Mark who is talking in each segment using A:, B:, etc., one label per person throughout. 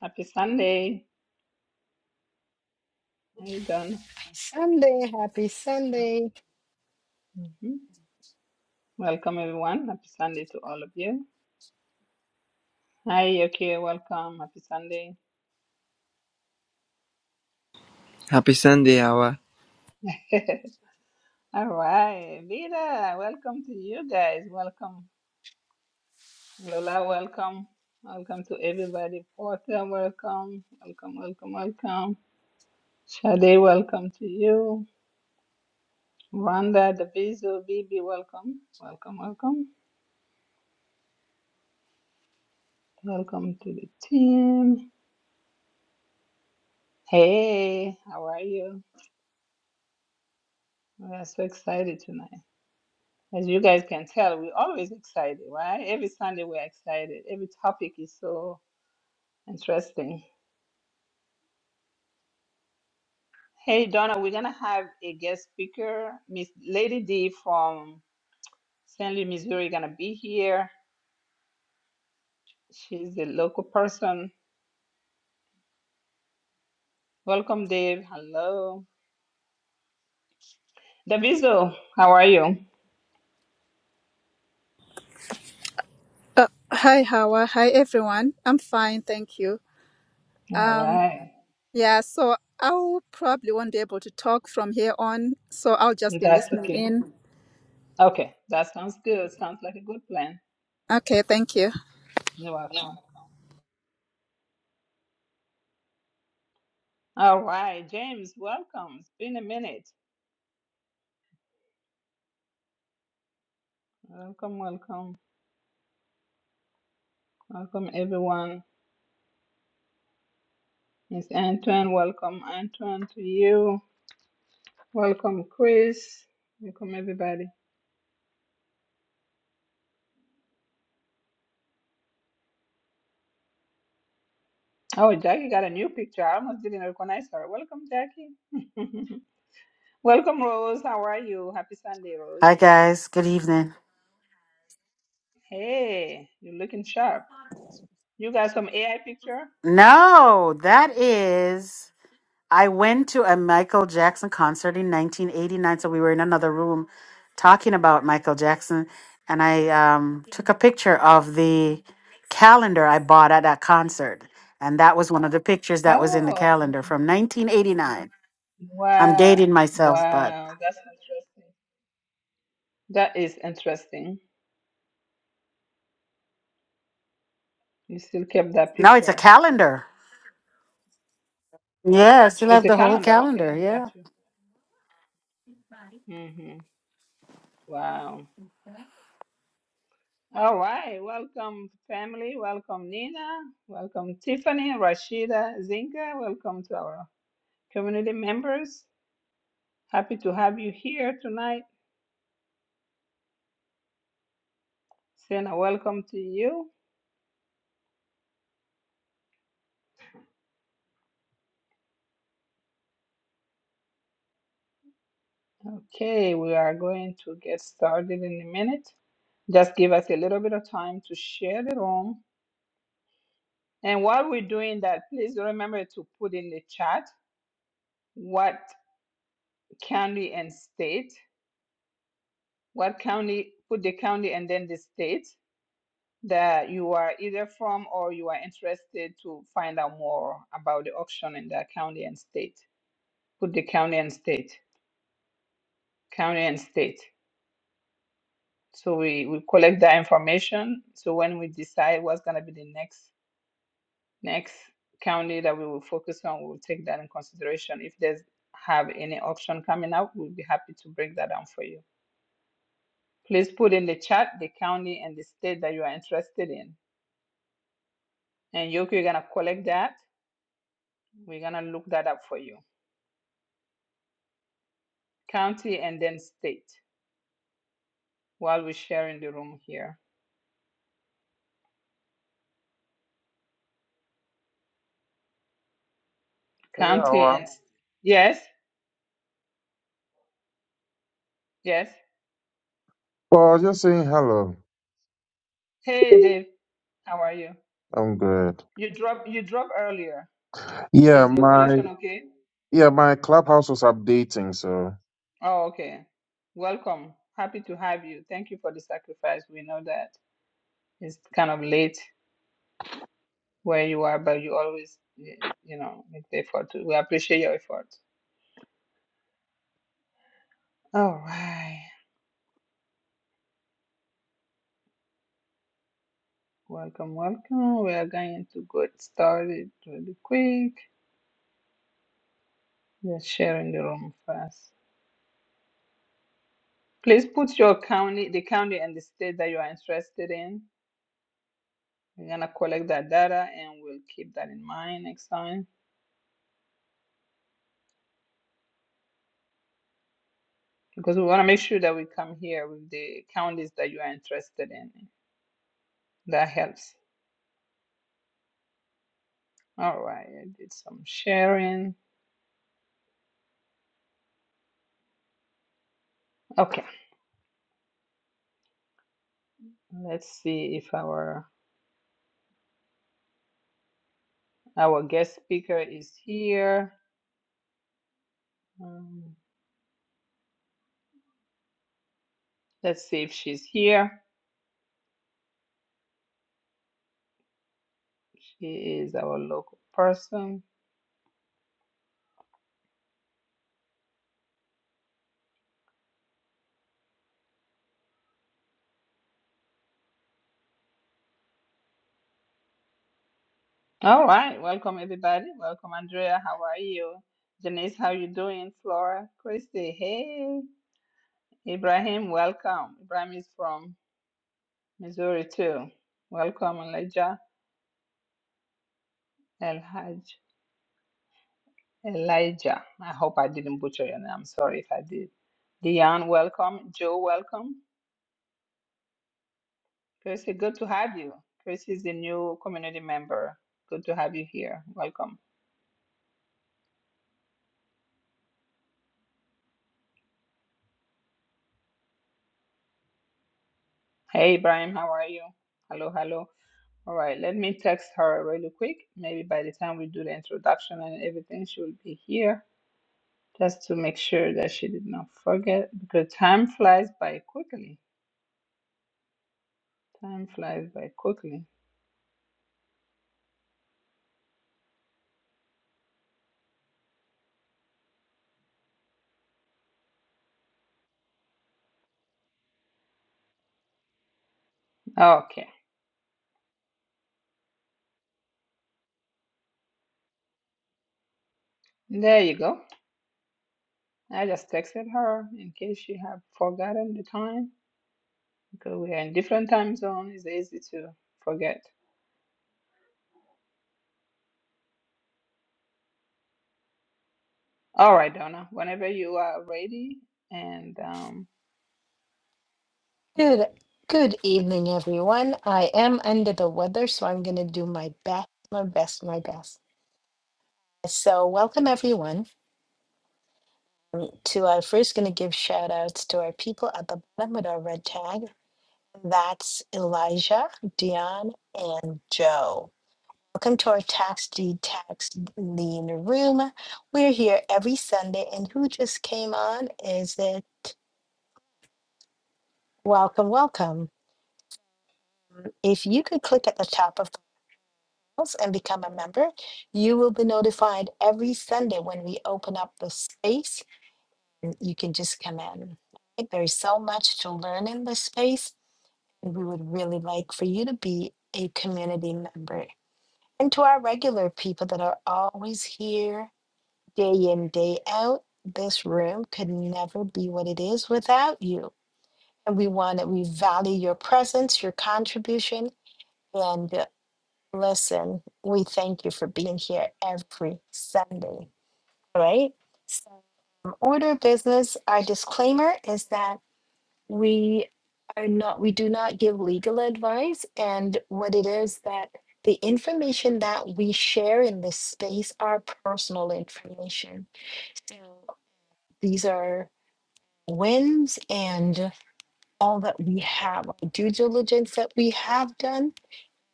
A: Happy Sunday. How you doing?
B: Sunday, happy
A: Happy-
B: Sunday.
A: Mhm. Welcome, everyone. Happy Sunday to all of you. Hi, okay, welcome. Happy Sunday.
C: Happy Sunday, Awa.
A: all right, Vida, welcome to you guys. Welcome, Lola, welcome. Welcome to everybody. Porter, welcome. Welcome, welcome, welcome. Sade, welcome to you. Rhonda, Daviso, Bibi, welcome. Welcome, welcome. Welcome to the team. Hey, how are you? We are so excited tonight. As you guys can tell, we're always excited, right? Every Sunday we're excited. Every topic is so interesting. Hey, Donna, we're going to have a guest speaker. Miss Lady D from St. Louis, Missouri, going to be here. She's a local person. Welcome, Dave. Hello. Daviso, how are you?
D: Uh, hi, Hawa. Hi, everyone. I'm fine, thank you.
A: All
D: Um,
A: right.
D: yeah, so I will probably won't be able to talk from here on, so I'll just be
A: That's
D: listening
A: okay.
D: in.
A: Okay. That sounds good. Sounds like a good plan.
D: Okay, thank you.
A: You're welcome. All right, James, welcome. It's been a minute. Welcome, welcome, welcome everyone. Miss Antoine, welcome Antoine to you. Welcome Chris. Welcome everybody. Oh, Jackie got a new picture. I almost didn't recognize her. Welcome, Jackie. welcome, Rose. How are you? Happy Sunday,
E: Hi,
A: Rose.
E: guys. Good evening.
A: Hey, you're looking sharp. You got some AI picture?
E: No, that is. I went to a Michael Jackson concert in 1989. So we were in another room talking about Michael Jackson. And I um, took a picture of the calendar I bought at that concert. And that was one of the pictures that was in the
A: Oh,
E: calendar
A: okay.
E: from 1989. I'm
A: wow.
E: dating myself, but
A: Wow, that's interesting. That is interesting. You still kept that
E: no, it's a
A: picture.
E: calendar. Yeah, I still
A: It's
E: have
A: the
E: the whole
A: calendar.
E: calendar.
A: Okay, got
E: Yeah.
A: you. Mm-hmm. Wow. All right. Welcome, family. Welcome, Nina. Welcome, Tiffany, Rashida, Zinga. Welcome to our community members. Happy to have you here tonight. Sena, welcome to you. Okay, we are going to get started in a minute. Just give us a little bit of time to share the room. And while we're doing that, please remember to put in the chat what county and state, what county, put the county and then the state that you are either from or you are interested to find out more about the auction in the county and state. Put the county and state, county and state. So we, we collect that information. So when we decide what's gonna be the next next county that we will focus on, we will take that in consideration. If there's have any auction coming up, we'll be happy to break that down for you. Please put in the chat the county and the state that you are interested in. And Yoko, you're gonna collect that. We're gonna look that up for you. county and then state while we're sharing the room here.
F: Yeah,
A: County and
F: well,
A: s- yes, yes.
F: well, just saying hello.
A: Hey Dave, how are you?
F: I'm good.
A: You drop you drop earlier.
F: Yeah,
A: Is your
F: my
A: connection okay?
F: yeah, my clubhouse was updating, so
A: Oh, okay. Welcome. Happy to have you. Thank you for the sacrifice. We know that it's kind of late where you are, but you always y- you know make the effort. to- We appreciate your effort. All right. Welcome, welcome. We are going to get started really quick. Just sharing the room first. Please put your county, the county and the state that you are interested in. We're gonna collect that data and we'll keep that in mind next time because we wanna make sure that we come here with the counties that you are interested in. That helps. All right, I did some sharing. Okay, let's see if our our guest speaker is here. Um, let's see if she's here. She is our local person. All right, welcome everybody. Welcome Andrea. How are you? Janice, how you doing? Flora, Christy, hey. Ibrahim, welcome. Ibrahim is from Missouri too. Welcome Elijah El Haj. Elijah. I hope I didn't butcher your name. I'm sorry if I did. Dion, welcome. Joe, welcome. Christy, good to have you. Christy is a new community member. Good to have you here. Welcome. Hey, Brian, how are you? Hello, hello. All right, let me text her really quick. Maybe by the time we do the introduction and everything, she will be here just to make sure that she did not forget because time flies by quickly. Time flies by quickly. Okay, there you go. I just texted her in case she had forgotten the time because we are in different time zone. It's easy to forget. All right, Donna, whenever you are ready and um,
B: Good good evening, everyone. I am under the weather, so I'm gonna do my best, my best, my best. So welcome everyone to our first gonna give shout outs to our people at the bottom with our red tag. That's Elijah, Dion, and Joe. Welcome to our tax deed tax lien room. We're here every Sunday, and who just came on? Is it welcome, welcome? If you could click at the top of the house and become a member, you will be notified every Sunday when we open up the space. and You can just come in. There is so much to learn in this space, and we would really like for you to be a community member. And to our regular people that are always here day in, day out, this room could never be what it is without you. And we want to, we value your presence, your contribution, and uh, Listen, we thank you for being here every Sunday, right? So, um, order of business, our disclaimer is that we are not, we do not give legal advice. And what it is that the information that we share in this space are personal information. So, these are wins and all that we have, our due diligence that we have done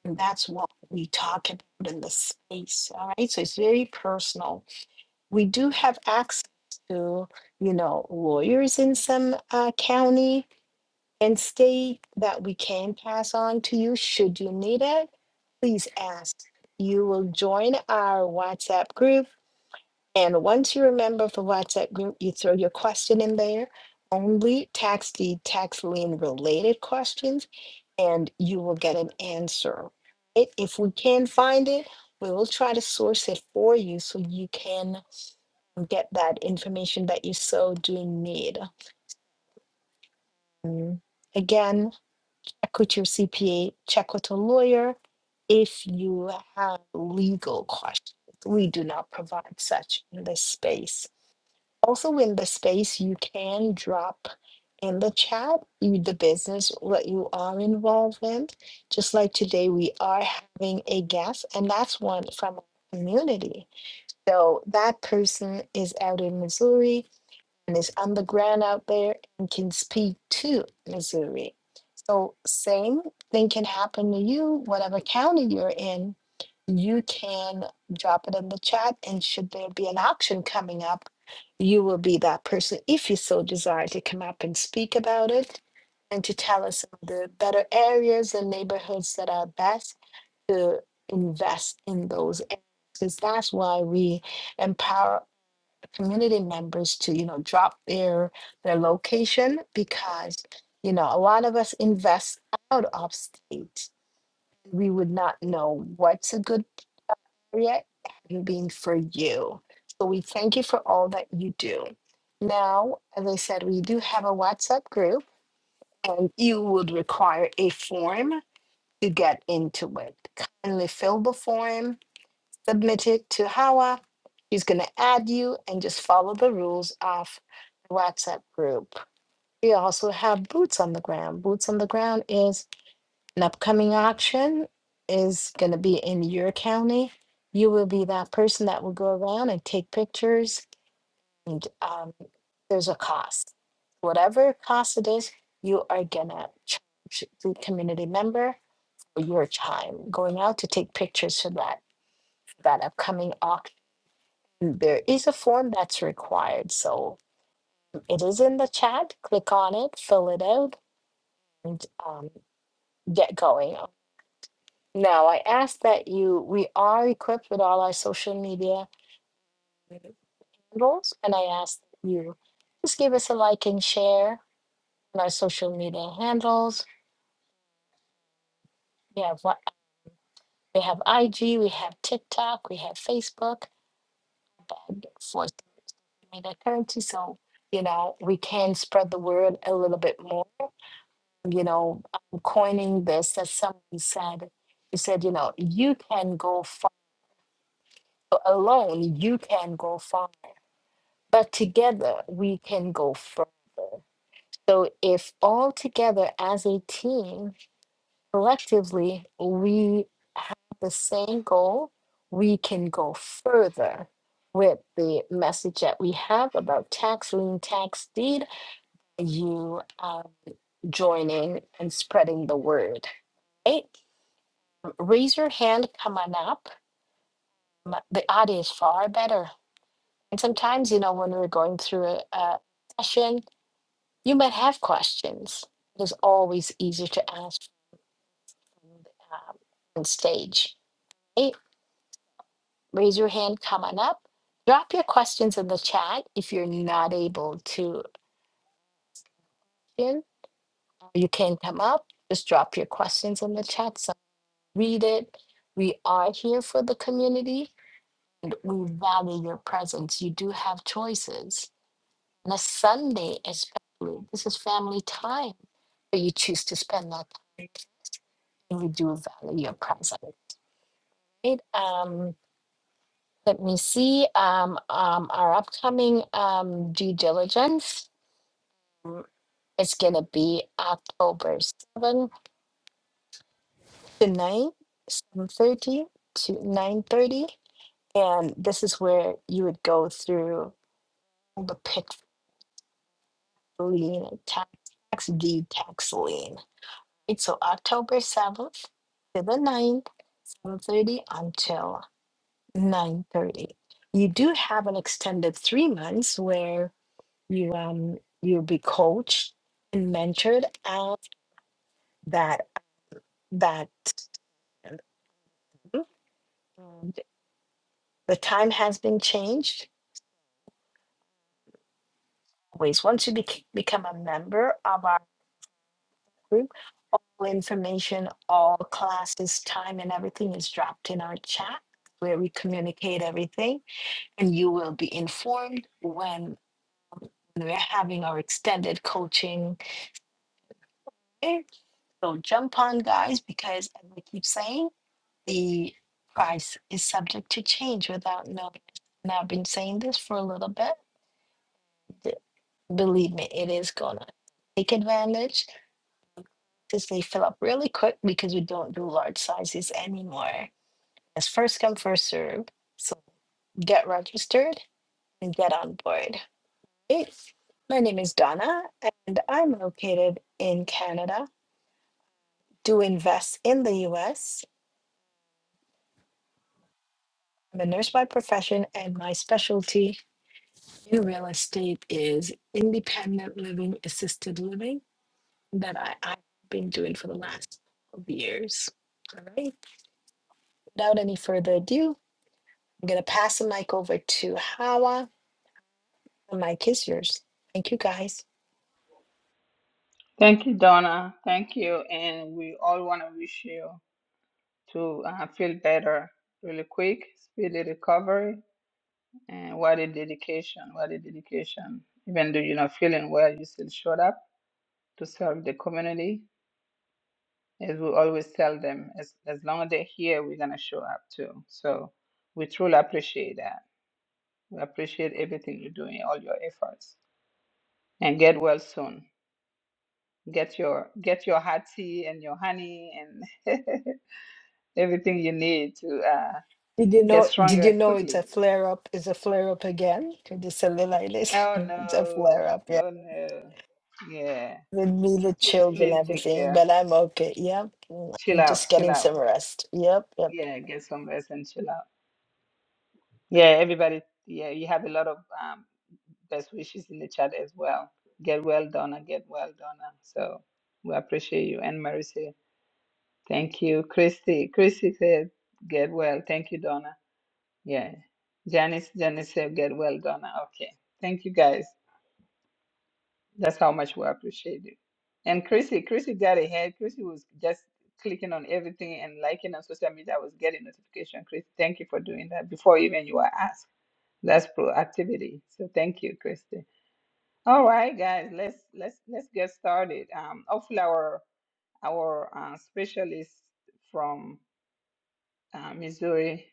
B: And that's what we talk about in the space. All right. So it's very personal. We do have access to, you know, lawyers in some uh, county and state that we can pass on to you should you need it. Please ask. You will join our WhatsApp group and once you remember for WhatsApp group, you throw your question in there, only tax deed, tax lien related questions, and you will get an answer. It- If we can find it, we will try to source it for you so you can get that information that you so do need. Mm. Again, check with your CPA, check with a lawyer if you have legal questions. We do not provide such in this space. Also, in the space, you can drop in the chat you, the business what you are involved in. Just like today, we are having a guest, and that's one from our community. So that person is out in Missouri, and is on the ground out there and can speak to Missouri. So same thing can happen to you, whatever county you're in. You can drop it in the chat, and should there be an auction coming up, you will be that person if you so desire to come up and speak about it and to tell us the better areas and neighborhoods that are best to invest in those areas. Because that's why we empower community members to you know drop their their location because you know a lot of us invest out of state we would not know what's a good area and being for you so we thank you for all that you do now as i said we do have a whatsapp group and you would require a form to get into it kindly fill the form submit it to Hawa. He's going to add you and just follow the rules of the WhatsApp group. We also have Boots on the Ground. Boots on the Ground is an upcoming auction is going to be in your county. You will be that person that will go around and take pictures and um, there's a cost. Whatever cost it is, you are going to charge the community member for your time going out to take pictures for that that upcoming auction there is a form that's required. So it is in the chat. Click on it, fill it out, and um, get going. Now, I ask that you, we are equipped with all our social media handles, and I ask that you just give us a like and share on our social media handles. We have what we have IG, we have TikTok, we have Facebook, and for the currency. So, you know, we can spread the word a little bit more you know, um, coining this as someone said. He said, you know, you can go far alone, you can go far, but together we can go further. So if all together as a team, collectively, we have the same goal, we can go further with the message that we have about tax lien, tax deed, you um, joining and spreading the word, right? raise your hand, come on up. M- The audio is far better. And sometimes, you know, when we're going through a, a session, you might have questions. It is always easier to ask from the, um, on stage. Hey, raise your hand, come on up. Drop your questions in the chat if you're not able to. in. You can come up, just drop your questions in the chat. So read it. We are here for the community. We value your presence. You do have choices on a Sunday, especially. This is family time, but you choose to spend that time. And we do value your presence. Right? Um, let me see. Um, um, our upcoming um, due diligence mm, is going to be October 7th to 9, 7.30 to 9.30. And this is where you would go through all the pitch, lien, tax, tax deed, tax lien It's so October 7th to the ninth, 7.30 until 9.30. You do have an extended three months where you um you'll be coached and mentored at that that um, the time has been changed. Always once you bec- become a member of our group, all information, all classes, time, and everything is dropped in our chat where we communicate everything and you will be informed when we're having our extended coaching. Okay? So jump on, guys, because as I keep saying, the price is subject to change without notice. And I've been saying this for a little bit. D- Believe me, it is going to take advantage since they fill up really quick because we don't do large sizes anymore. It's first come, first serve. So get registered and get on board. Hey, my name is Donna, and I'm located in Canada. Do invest in the US. I'm a nurse by profession, and my specialty in real estate is independent living, assisted living that I, I've been doing for the last 12 years. All right. Without any further ado, I'm going to pass the mic over to Hawa. The mic is yours. Thank you, guys.
A: Thank you, Donna. Thank you. And we all want to wish you to uh, feel better really quick, speedy recovery, and what a dedication, what a dedication. Even though you're not feeling well, you still showed up to serve the community. As we always tell them, as, as long as they're here, we're going to show up too. So we truly appreciate that. We appreciate everything you're doing, all your efforts. And get well soon. Get your get your hot tea and your honey and everything you need to uh,
B: Did you
A: get
B: know? Did
A: stronger
B: you know it's
A: quickly.
B: a flare up? It's a flare up again. Could just say
A: Oh
B: It's a
A: no,
B: flare up. Yeah,
A: oh no, yeah.
B: with me the
A: Please,
B: chills and
A: please take
B: everything,
A: care.
B: but I'm okay. Yep, Mm,
A: Chill
B: I'm
A: out,
B: just
A: chill
B: getting
A: out.
B: some rest. Yep, yep.
A: Yeah, get some rest and chill out. Yeah, everybody. Yeah, you have a lot of um, best wishes in the chat as well. Get well, Donna. Get well, Donna. So we appreciate you and Marissa. Thank you, Christy. Christy said, "Get well." Thank you, Donna. Yeah, Janice. Janice said, "Get well, Donna." Okay. Thank you, guys. That's how much we appreciate it. And Chrissy, Chrissy got ahead. Chrissy was just clicking on everything and liking on social media. I was getting notification. Chris, thank you for doing that before even you were asked. That's proactivity. So thank you, Christy. All right, guys, let's let's let's get started. Um, hopefully our our uh, specialist from uh, Missouri,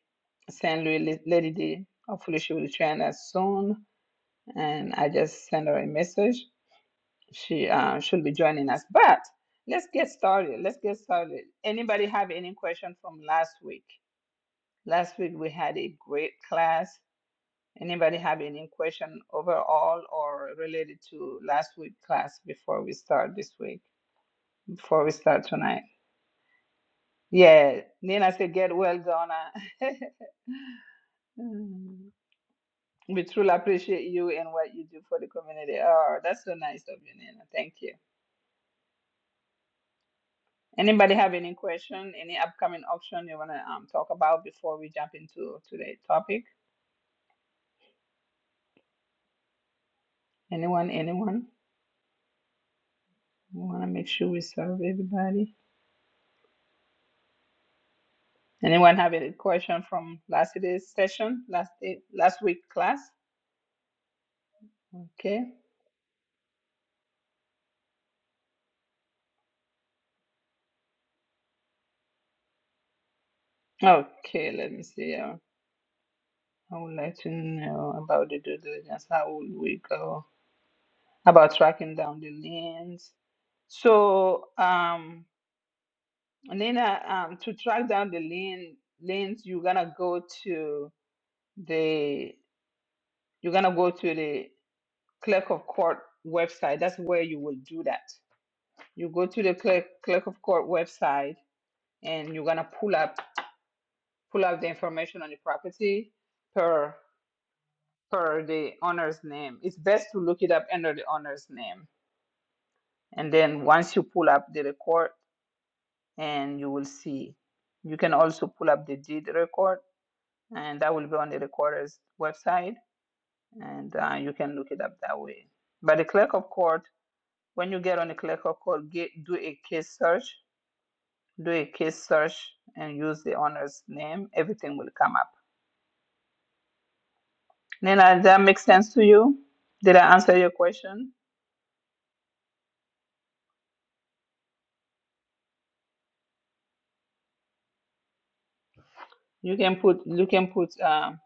A: St. Louis, Lady D. Hopefully she will join us soon. And I just sent her a message. she uh, should be joining us. But let's get started. Let's get started. Anybody have any question from last week? Last week we had a great class. Anybody have any question overall or related to last week's class before we start this week? Before we start tonight? Yeah, Nina said, "Get well, Donna." Mm. We truly appreciate you and what you do for the community. Oh, that's so nice of you, Nina. Thank you. Anybody have any question, any upcoming auction you want to um, talk about before we jump into today's topic? Anyone, anyone? We want to make sure we serve everybody. Anyone have any question from last day's session, last day, last week class? Okay. Okay, let me see. Uh, I would like to know about the due diligence. How would we go about tracking down the liens? So, um, Nina, um, to track down the lien, liens, you're gonna go to the you're gonna go to the clerk of court website. That's where you will do that. You go to the clerk clerk of court website and you're gonna pull up pull up the information on the property per per the owner's name. It's best to look it up under the owner's name. And then once you pull up the record and you will see. You can also pull up the deed record and that will be on the recorder's website and uh, you can look it up that way. But the clerk of court When you get on the clerical code, get, do a case search, do a case search, and use the owner's name. Everything will come up. Nina, that makes sense to you? Did I answer your question? You can put you can put um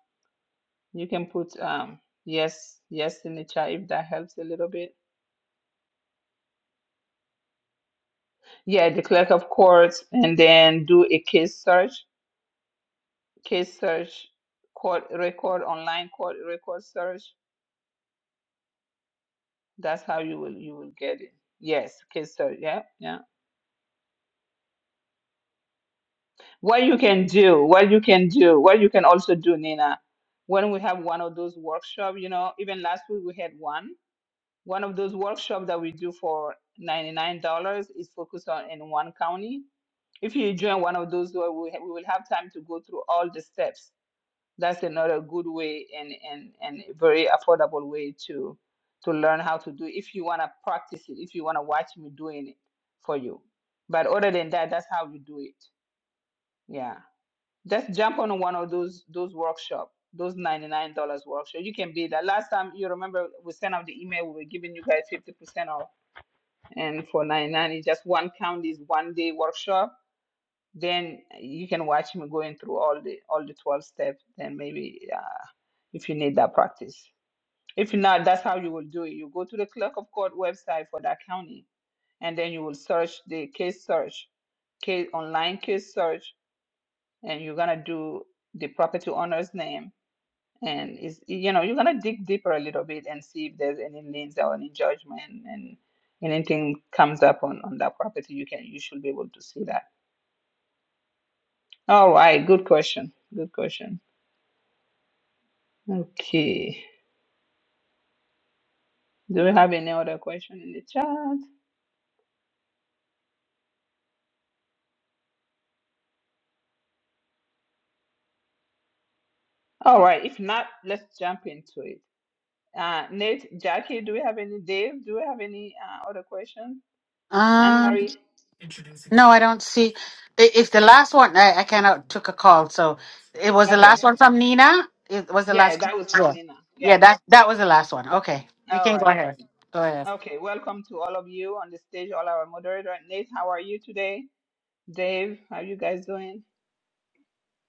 A: you can put um yes yes in the chat if that helps a little bit. Yeah, the clerk of court, and then do a case search, case search, court record online court record search. That's how you will you will get it. Yes, case search. Yeah, yeah. what you can do, what you can do, what you can also do, Nina, when we have one of those workshops, you know, even last week we had one. One of those workshops that we do for $99 is focused on in one county. If you join one of those, uh, we, ha- we will have time to go through all the steps. That's another good way and, and, and a very affordable way to to learn how to do it if you want to practice it, if you want to watch me doing it for you. But other than that, that's how you do it. Yeah. Just jump on one of those those workshop, those ninety nine dollars workshop. You can be that. Last time you remember we sent out the email. We were giving you guys fifty percent off, and for ninety nine, it's just one county is one day workshop. Then you can watch me going through all the all the twelve steps. Then maybe uh, if you need that practice. If not, that's how you will do it. You go to the clerk of court website for that county, and then you will search the case search, case online case search and you're gonna do the property owner's name and is you know you're gonna dig deeper a little bit and see if there's any liens or any judgment and anything comes up on on that property you can you should be able to see that all right good question good question okay do we have any other question in the chat all right if not let's jump into it uh nate jackie do we have any dave do we have any uh, other question anne
E: Um.
A: marie
E: No, I don't see. i- It's the last one. I, I kind of took a call, so it was the last
A: okay
E: one from Nina. It was the
A: yeah
E: last call.
A: that was from
E: Sure.
A: nina
E: Yeah,
A: yes
E: that that was the last one. Okay, you
A: all
E: can go
A: right
E: ahead. Go ahead.
A: Okay, welcome to all of you on the stage, all our moderator. Nate, how are you today? Dave, how you guys doing?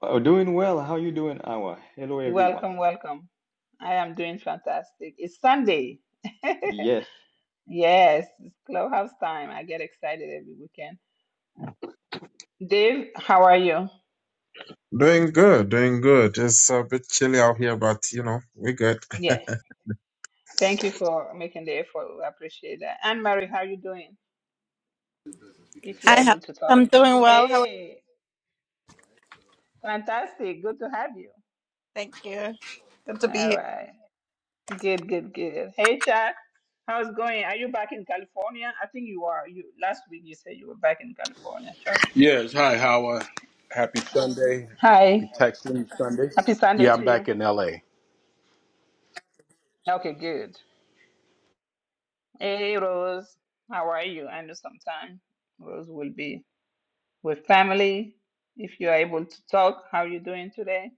G: Oh, doing well. How you doing, Awa? Hello, everyone.
A: Welcome, welcome. I am doing fantastic. It's Sunday.
G: Yes.
A: yes, it's clubhouse time. I get excited every weekend. Dave, how are you?
F: doing good, doing good. It's a bit chilly out here, but you know, we're good.
A: Yeah, thank you for making the effort. We appreciate that. Anne Marie, how are you doing? If you're
H: Hi, how
A: able to talk.
H: I'm doing well. How are
A: Hey, fantastic. Good to have you.
H: you? Thank you. Good to be here.
A: All right. Good, good, good. Hey, Chuck, how's it going? Are you back in California? I think you are. You last week you said you were back in California, Chuck.
I: Yes. Hi, Howard. Happy Sunday. Be
A: Hi,
I: texting you Sunday.
A: happy Sunday
I: Yeah, I'm
A: to
I: back
A: you.
I: in LA.
A: Okay, good. Hey, Rose, how are you? I know sometime Rose will be with family. If you are able to talk, how are you doing today?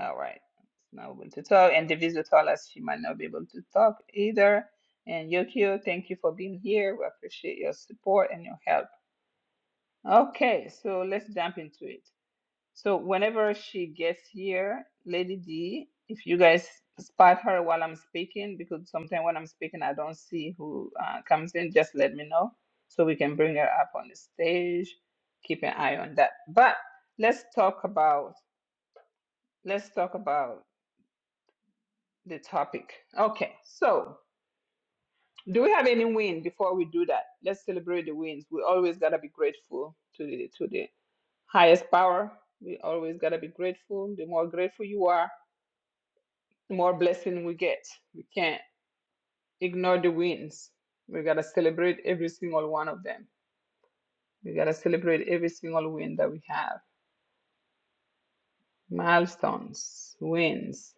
A: All right, not able to talk. And the visitor us she might not be able to talk either. And Yokio, thank you for being here. We appreciate your support and your help. Okay, so let's jump into it. So whenever she gets here, Lady D, if you guys spot her while I'm speaking, because sometimes when I'm speaking, I don't see who uh, comes in, just let me know so we can bring her up on the stage. Keep an eye on that. But let's talk about let's talk about the topic. Okay, so do we have any win before we do that? Let's celebrate the wins. We always gotta be grateful to the to the highest power. We always got to be grateful. The more grateful you are, the more blessing we get. We can't ignore the wins. We got to celebrate every single one of them. We got to celebrate every single win that we have. Milestones, wins.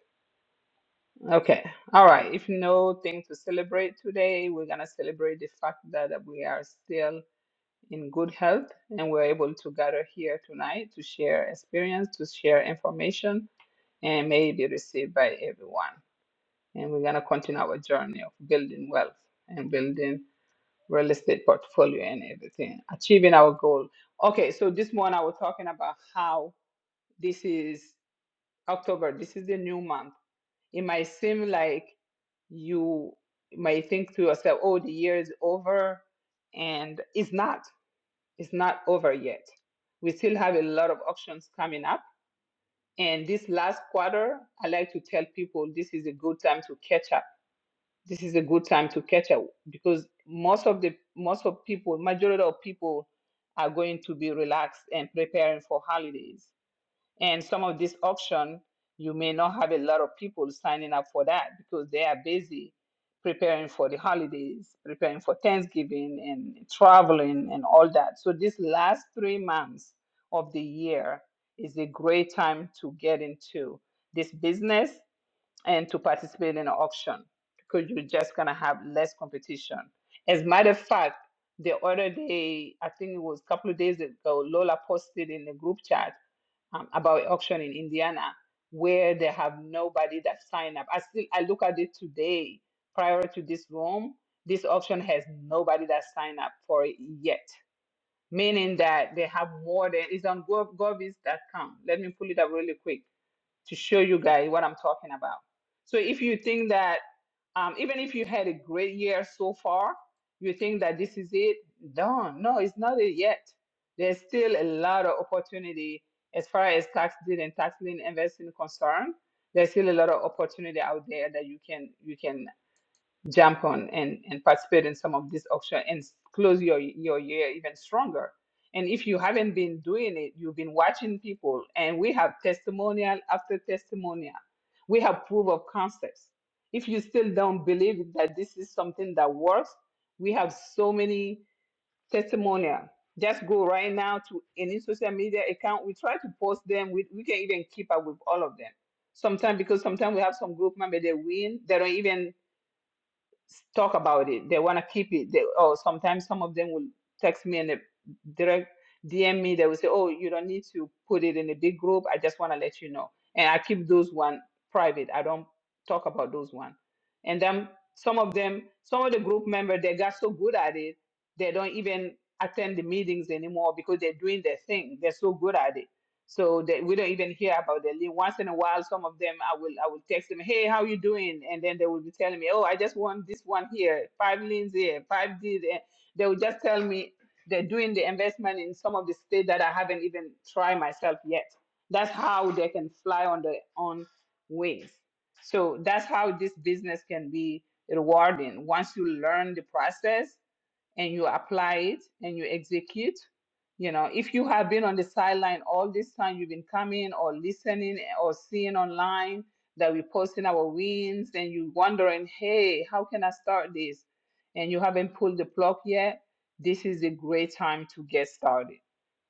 A: Okay. All right. If no thing to celebrate today, we're going to celebrate the fact that we are still in good health and we're able to gather here tonight to share experience, to share information, and may it be received by everyone. and we're going to continue our journey of building wealth and building real estate portfolio and everything achieving our goal okay so this morning i was talking about how this is october this is the new month it might seem like you might think to yourself oh the year is over and it's not it's not over yet we still have a lot of options coming up and this last quarter i like to tell people this is a good time to catch up this is a good time to catch up because most of the most of people majority of people are going to be relaxed and preparing for holidays and some of this auction you may not have a lot of people signing up for that because they are busy preparing for the holidays preparing for thanksgiving and traveling and all that so this last three months of the year is a great time to get into this business and to participate in an auction because you're just gonna have less competition. As a matter of fact, the other day, I think it was a couple of days ago, Lola posted in the group chat um, about auction in Indiana where they have nobody that signed up. I still I look at it today prior to this room. This auction has nobody that signed up for it yet, meaning that they have more than it's on gov- govis.com. Let me pull it up really quick to show you guys what I'm talking about. So if you think that um, even if you had a great year so far, you think that this is it, no, no, it's not it yet. There's still a lot of opportunity as far as tax deed and tax lien investing concerned. There's still a lot of opportunity out there that you can you can jump on and, and participate in some of these auction and s- close your your year even stronger. And if you haven't been doing it, you've been watching people, and we have testimonial after testimonial. We have proof of concepts. If you still don't believe that this is something that works, we have so many testimonial. Just go right now to any social media account. We try to post them. We, we can even keep up with all of them. Sometimes because sometimes we have some group member they win, they don't even talk about it. They want to keep it. They, oh, sometimes some of them will text me and they direct DM me. They will say, "Oh, you don't need to put it in a big group. I just want to let you know." And I keep those one private. I don't talk about those one. And then some of them, some of the group members, they got so good at it, they don't even attend the meetings anymore because they're doing their thing. They're so good at it so that we don't even hear about them. Then Once in a while, some of them I will I will text them, hey, how you doing? And then they will be telling me, oh, I just want this one here, five lanes here, five this. And they will just tell me they're doing the investment in some of the state that I haven't even tried myself yet. That's how they can fly on their own wings. So that's how this business can be rewarding once you learn the process and you apply it and you execute. You know, if you have been on the sideline all this time, you've been coming or listening or seeing online that we're posting our wins and you are wondering, hey, how can I start this? And you haven't pulled the plug yet, this is a great time to get started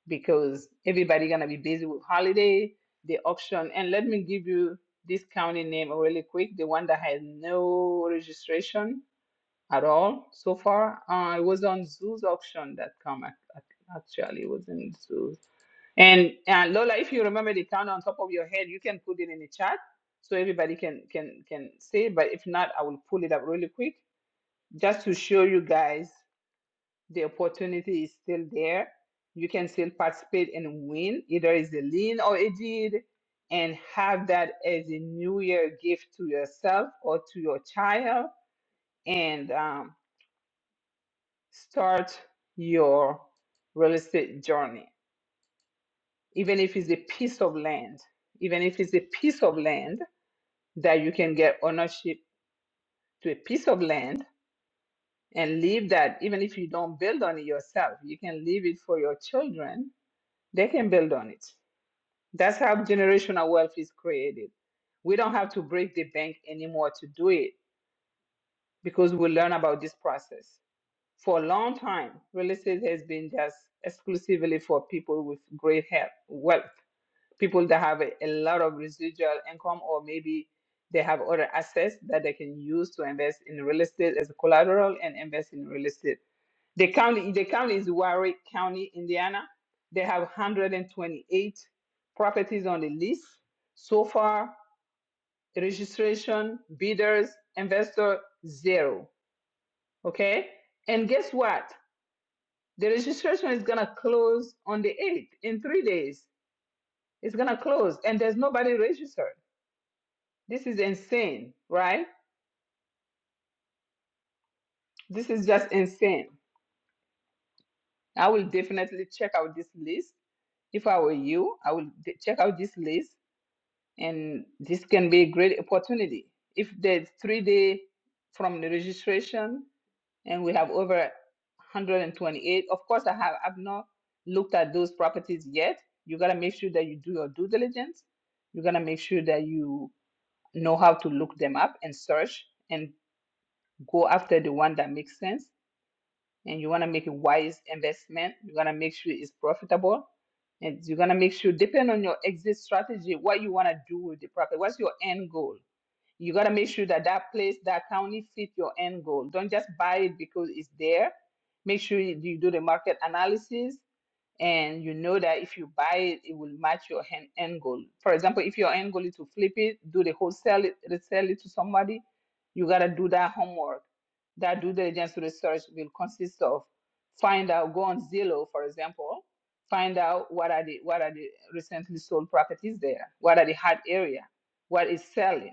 A: because everybody's gonna be busy with holiday, the auction. And let me give you this county name really quick, the one that has no registration at all so far. Uh, it was on Zoos Auction.com ac- ac- actually. It was in Zoos. And uh, Lola, if you remember the count on top of your head, you can put it in the chat so everybody can can can see. But if not, I will pull it up really quick just to show you guys the opportunity is still there. You can still participate and win. Either it's a lean or a deed, and have that as a New Year gift to yourself or to your child. And um, start your real estate journey. Even if it's a piece of land, even if it's a piece of land that you can get ownership to a piece of land and leave that, even if you don't build on it yourself, you can leave it for your children. They can build on it. That's how generational wealth is created. We don't have to break the bank anymore to do it because we learn about this process. For a long time, real estate has been just exclusively for people with great health, wealth, people that have a, a lot of residual income, or maybe they have other assets that they can use to invest in real estate as a collateral and invest in real estate. The county, the county is Warwick County, Indiana. They have 128 properties on the list. So far, registration, bidders, investor, zero. Okay? And guess what? The registration is going to close on the 8th in three days. It's going to close, and there's nobody registered. This is insane, right? This is just insane. I will definitely check out this list. If I were you, I will de- check out this list, and this can be a great opportunity. If there's three day from the registration and we have over 128. Of course, I have I've not looked at those properties yet. You gotta make sure that you do your due diligence. You gotta make sure that you know how to look them up and search and go after the one that makes sense. And you wanna make a wise investment. You gotta make sure it's profitable. And you're gonna make sure, depending on your exit strategy, what you wanna do with the property. What's your end goal? You got to make sure that that place, that county fit your end goal. Don't just buy it because it's there. Make sure you you do the market analysis and you know that if you buy it, it will match your hen- end goal. For example, if your end goal is to flip it, do the wholesale it, resell it to somebody, you got to do that homework. That due diligence research will consist of find out, go on Zillow, for example, find out what are the what are the recently sold properties there, what are the hot area, what is selling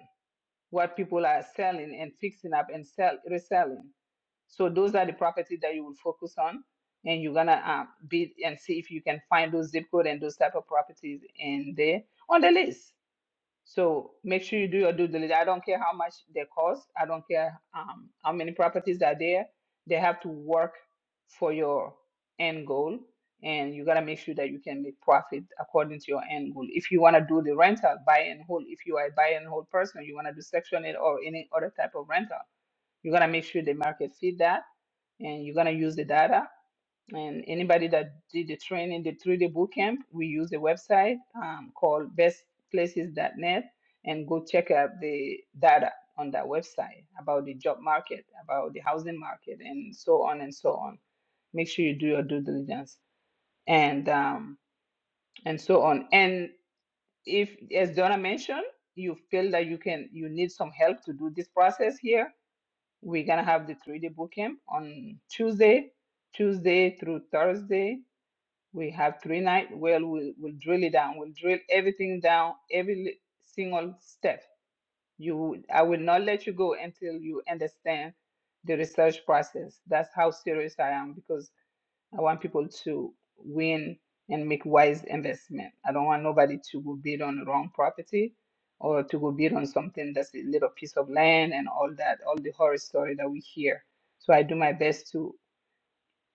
A: what people are selling and fixing up and sell reselling. So those are the properties that you will focus on, and you're gonna um, bid and see if you can find those zip code and those type of properties in there on the list. So make sure you do your due diligence. I don't care how much they cost. I don't care um, how many properties are there. They have to work for your end goal, and you gotta make sure that you can make profit according to your end goal. If you wanna do the rental, buy and hold. If you are a buy and hold person, you wanna do section it or any other type of rental. You gotta make sure the market fit that, and you're gonna use the data and anybody that did the training, the three day boot camp, we use a website um, called bestplaces.net and go check out the data on that website about the job market, about the housing market, and so on and so on. Make sure you do your due diligence and um, and so on. And if, as Donna mentioned, you feel that you can, you need some help to do this process here. We're gonna have the three day boot camp on Tuesday, Tuesday through Thursday we have three nights where we'll, we'll drill it down. We'll drill everything down, every li- single step. You, will- I will not let you go until you understand the research process. That's how serious I am because I want people to win and make wise investment. I don't want nobody to go bid on the wrong property or to go bid on something that's a little piece of land and all that, all the horror story that we hear. So I do my best to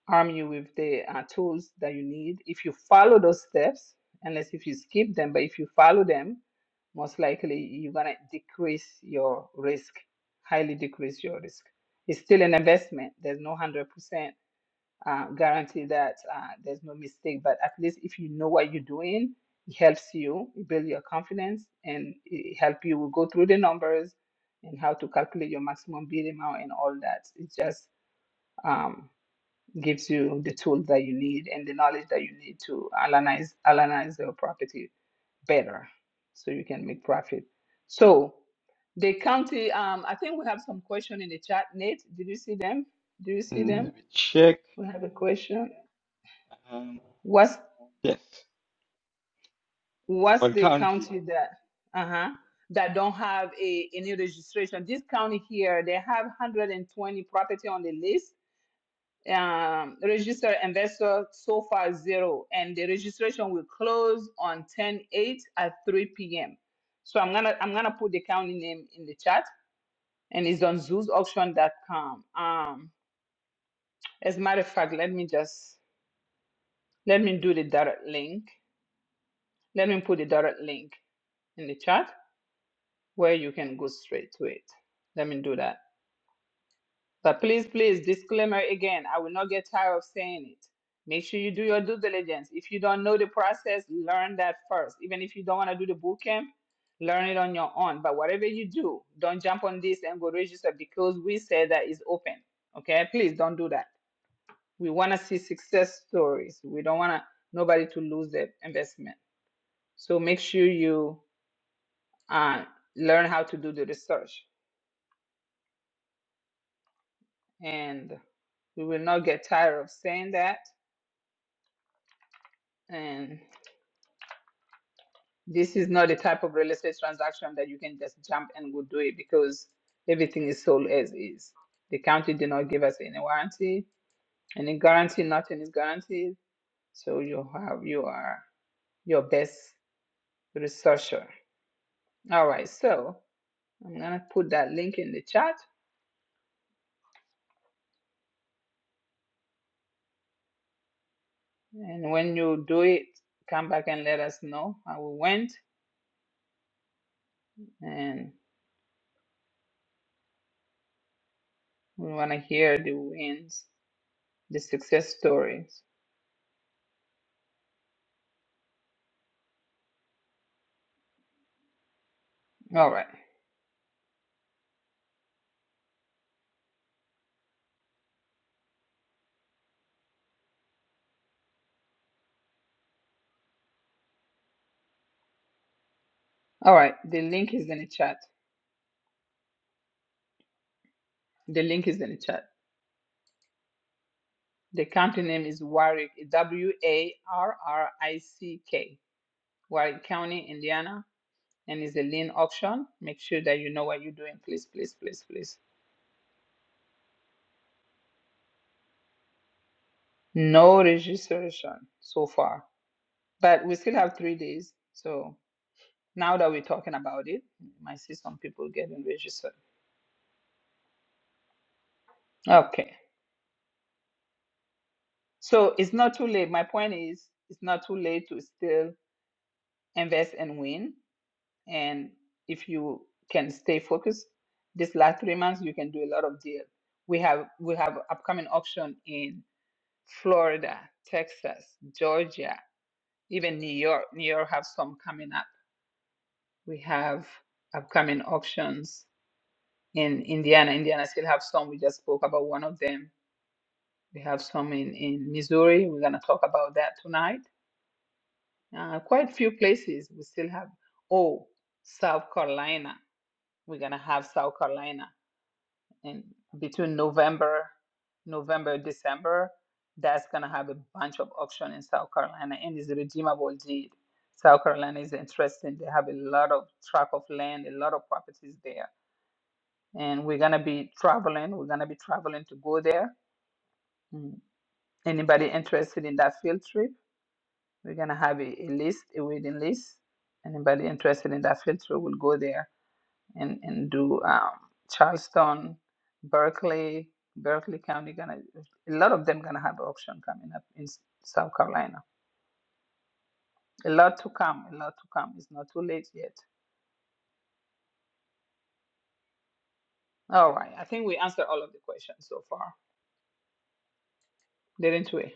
A: arm you with the uh, tools that you need. If you follow those steps, unless if you skip them, but if you follow them, most likely you're gonna decrease your risk, highly decrease your risk. It's still an investment. There's no one hundred percent uh, guarantee that uh, there's no mistake, but at least if you know what you're doing, it helps you it build your confidence and it help you go through the numbers and how to calculate your maximum bid amount and all that. It's just um, gives you the tools that you need and the knowledge that you need to analyze analyze your property better so you can make profit. So the county, um, I think we have some question in the chat. Nate, did you see them? Do you see
G: Mm,
A: them?
G: Let me check.
A: We have a question.
G: Um,
A: What's
G: yes.
A: what's
G: What
A: the
G: county?
A: county that uh-huh that don't have a any registration? This county here, they have 120 property on the list um, registered investor so far zero, and the registration will close on ten eight at 3 p.m. So I'm gonna I'm gonna put the county name in the chat, and it's on zoosauction.com. Um, as a matter of fact, let me just let me do the direct link. Let me put the direct link in the chat where you can go straight to it. Let me do that. But please, please, disclaimer again, I will not get tired of saying it. Make sure you do your due diligence. If you don't know the process, learn that first. Even if you don't want to do the boot camp, learn it on your own. But whatever you do, don't jump on this and go register because we said that is open. Okay? Please don't do that. We want to see success stories. We don't want to nobody to lose their investment. So make sure you uh, learn how to do the research. And we will not get tired of saying that. And This is not the type of real estate transaction that you can just jump and go do it because everything is sold as is. The county did not give us any warranty, any guarantee, nothing is guaranteed. So you have you are your best researcher. All right, so I'm gonna put that link in the chat and when you do it, come back and let us know how we went and we wanna hear the wins, the success stories. All right. All right, the link is in the chat. The link is in the chat. The county name is Warwick, W A R R I C K, Warwick County, Indiana, and is a lien auction. Make sure that you know what you're doing, please, please, please, please. No registration so far, but we still have three days. So now that we're talking about it, you might see some people getting registered. Okay. So it's not too late. My point is, it's not too late to still invest and win. and if you can stay focused this last three months you can do a lot of deals we have we have upcoming auction in florida texas georgia even new york new york have some coming up we have upcoming auctions in indiana indiana still have some we just spoke about one of them we have some in in missouri we're going to talk about that tonight uh, quite few places we still have oh south carolina we're going to have south carolina and between November, November, December, that's gonna have a bunch of auction in South Carolina and it's redeemable deed. South Carolina is interesting. They have a lot of tract of land, a lot of properties there. And we're gonna be traveling. We're gonna be traveling to go there. Mm. Anybody interested in that field trip? We're gonna have a, a list, a waiting list. Anybody interested in that field trip will go there and and do um, Charleston, Berkeley, Berkeley County. Gonna a lot of them gonna have auction coming up in S- South Carolina. A lot to come. A lot to come. It's not too late yet. All right. I think we answered all of the questions so far, didn't we?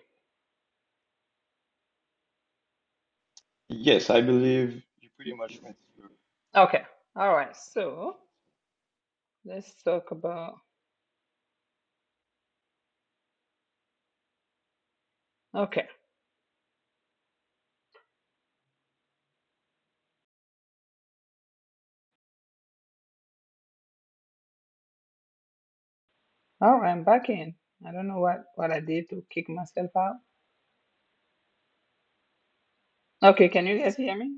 G: Yes, I believe you pretty much went through.
A: Okay. All right. So let's talk about. Okay. All right. I'm back in. I don't know what what I did to kick myself out. Okay. Can you guys hear me?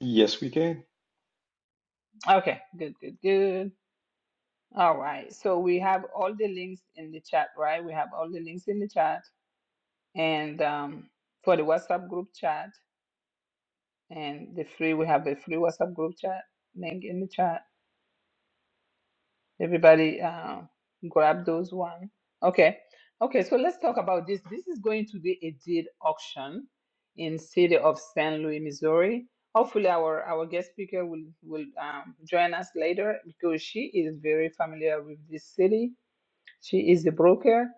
G: Yes, we can.
A: Okay. Good. Good. Good. All right. So we have all the links in the chat, right? We have all the links in the chat and um, for the WhatsApp group chat and the free, we have a free WhatsApp group chat link in the chat. Everybody uh, grab those one. Okay. Okay. So let's talk about this. This is going to be a deed auction in city of St. Louis, Missouri. Hopefully our, our guest speaker will, will um, join us later because she is very familiar with this city She is a broker,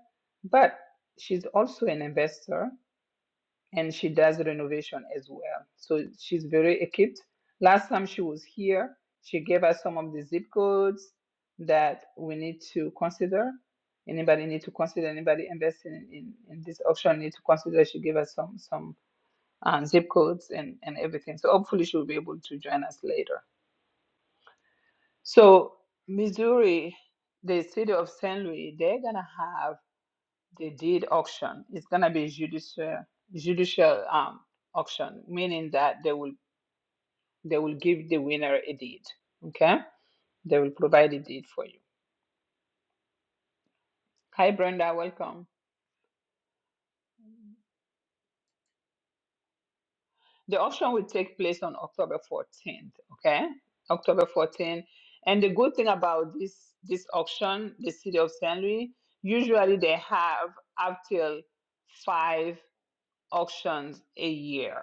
A: but she's also an investor and she does renovation as well. So she's very equipped. Last time she was here, she gave us some of the zip codes that we need to consider. Anybody need to consider, anybody investing in, in, this option need to consider. She gave us some some um, zip codes and, and everything. So hopefully she will be able to join us later. So Missouri, the city of St. Louis, they're gonna have They did auction. It's gonna be judicial judicial um auction, meaning that they will they will give the winner a deed. Okay? They will provide a deed for you. Hi Brenda, welcome. The auction will take place on October 14th, okay? October 14th. And the good thing about this this auction, the city of St. Louis, usually they have up till 5 auctions a year.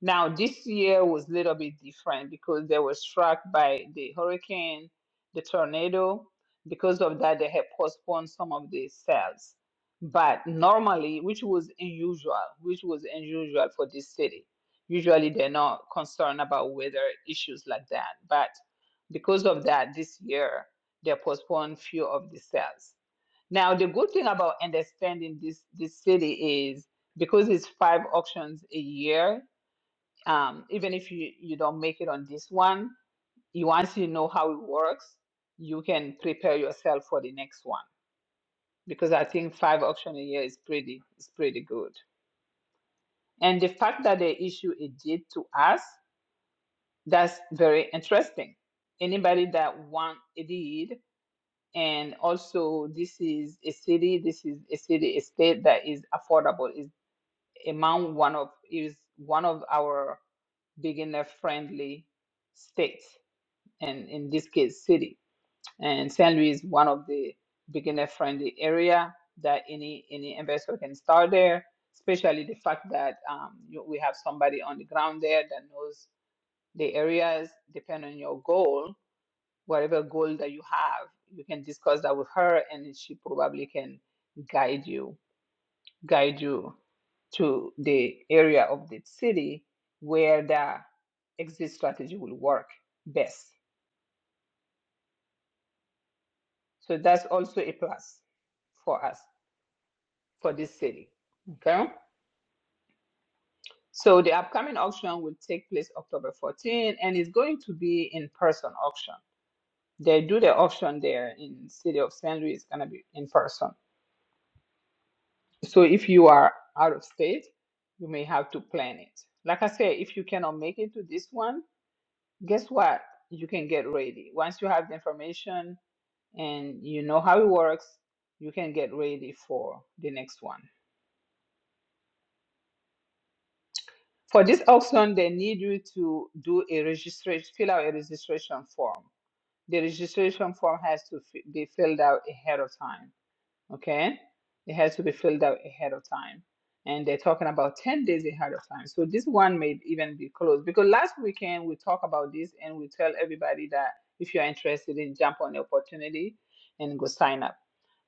A: Now this year was a little bit different because they were struck by the hurricane, the tornado. Because of that, they had postponed some of the sales. But normally, which was unusual, which was unusual for this city. Usually, they're not concerned about weather issues like that. But because of that, this year they postponed few of the sales. Now, the good thing about understanding this this city is because it's five auctions a year. Um, even if you you don't make it on this one, you once you know how it works, you can prepare yourself for the next one. Because I think five auctions a year is pretty is pretty good. And the fact that they issue a deed to us, that's very interesting. Anybody that want a deed, and also this is a city, this is a city, a state that is affordable. is among one of is one of our beginner friendly states and in this case city and san luis is one of the beginner friendly area that any any investor can start there especially the fact that um, you, we have somebody on the ground there that knows the areas depend on your goal whatever goal that you have you can discuss that with her and she probably can guide you guide you to the area of the city where the exit strategy will work best. So that's also a plus for us, for this city. Okay? So the upcoming auction will take place October 14 and it's going to be in person auction. They do the auction there in city of St. Louis, it's gonna be in person. So if you are out of state, you may have to plan it. Like I said, if you cannot make it to this one, guess what? You can get ready. Once you have the information and you know how it works, you can get ready for the next one. For this auction, they need you to do a registration, fill out a registration form. The registration form has to fi- be filled out ahead of time. okay it has to be filled out ahead of time and they're talking about 10 days ahead of time so this one may even be closed because last weekend we talked about this and we tell everybody that if you're interested in jump on the opportunity and go sign up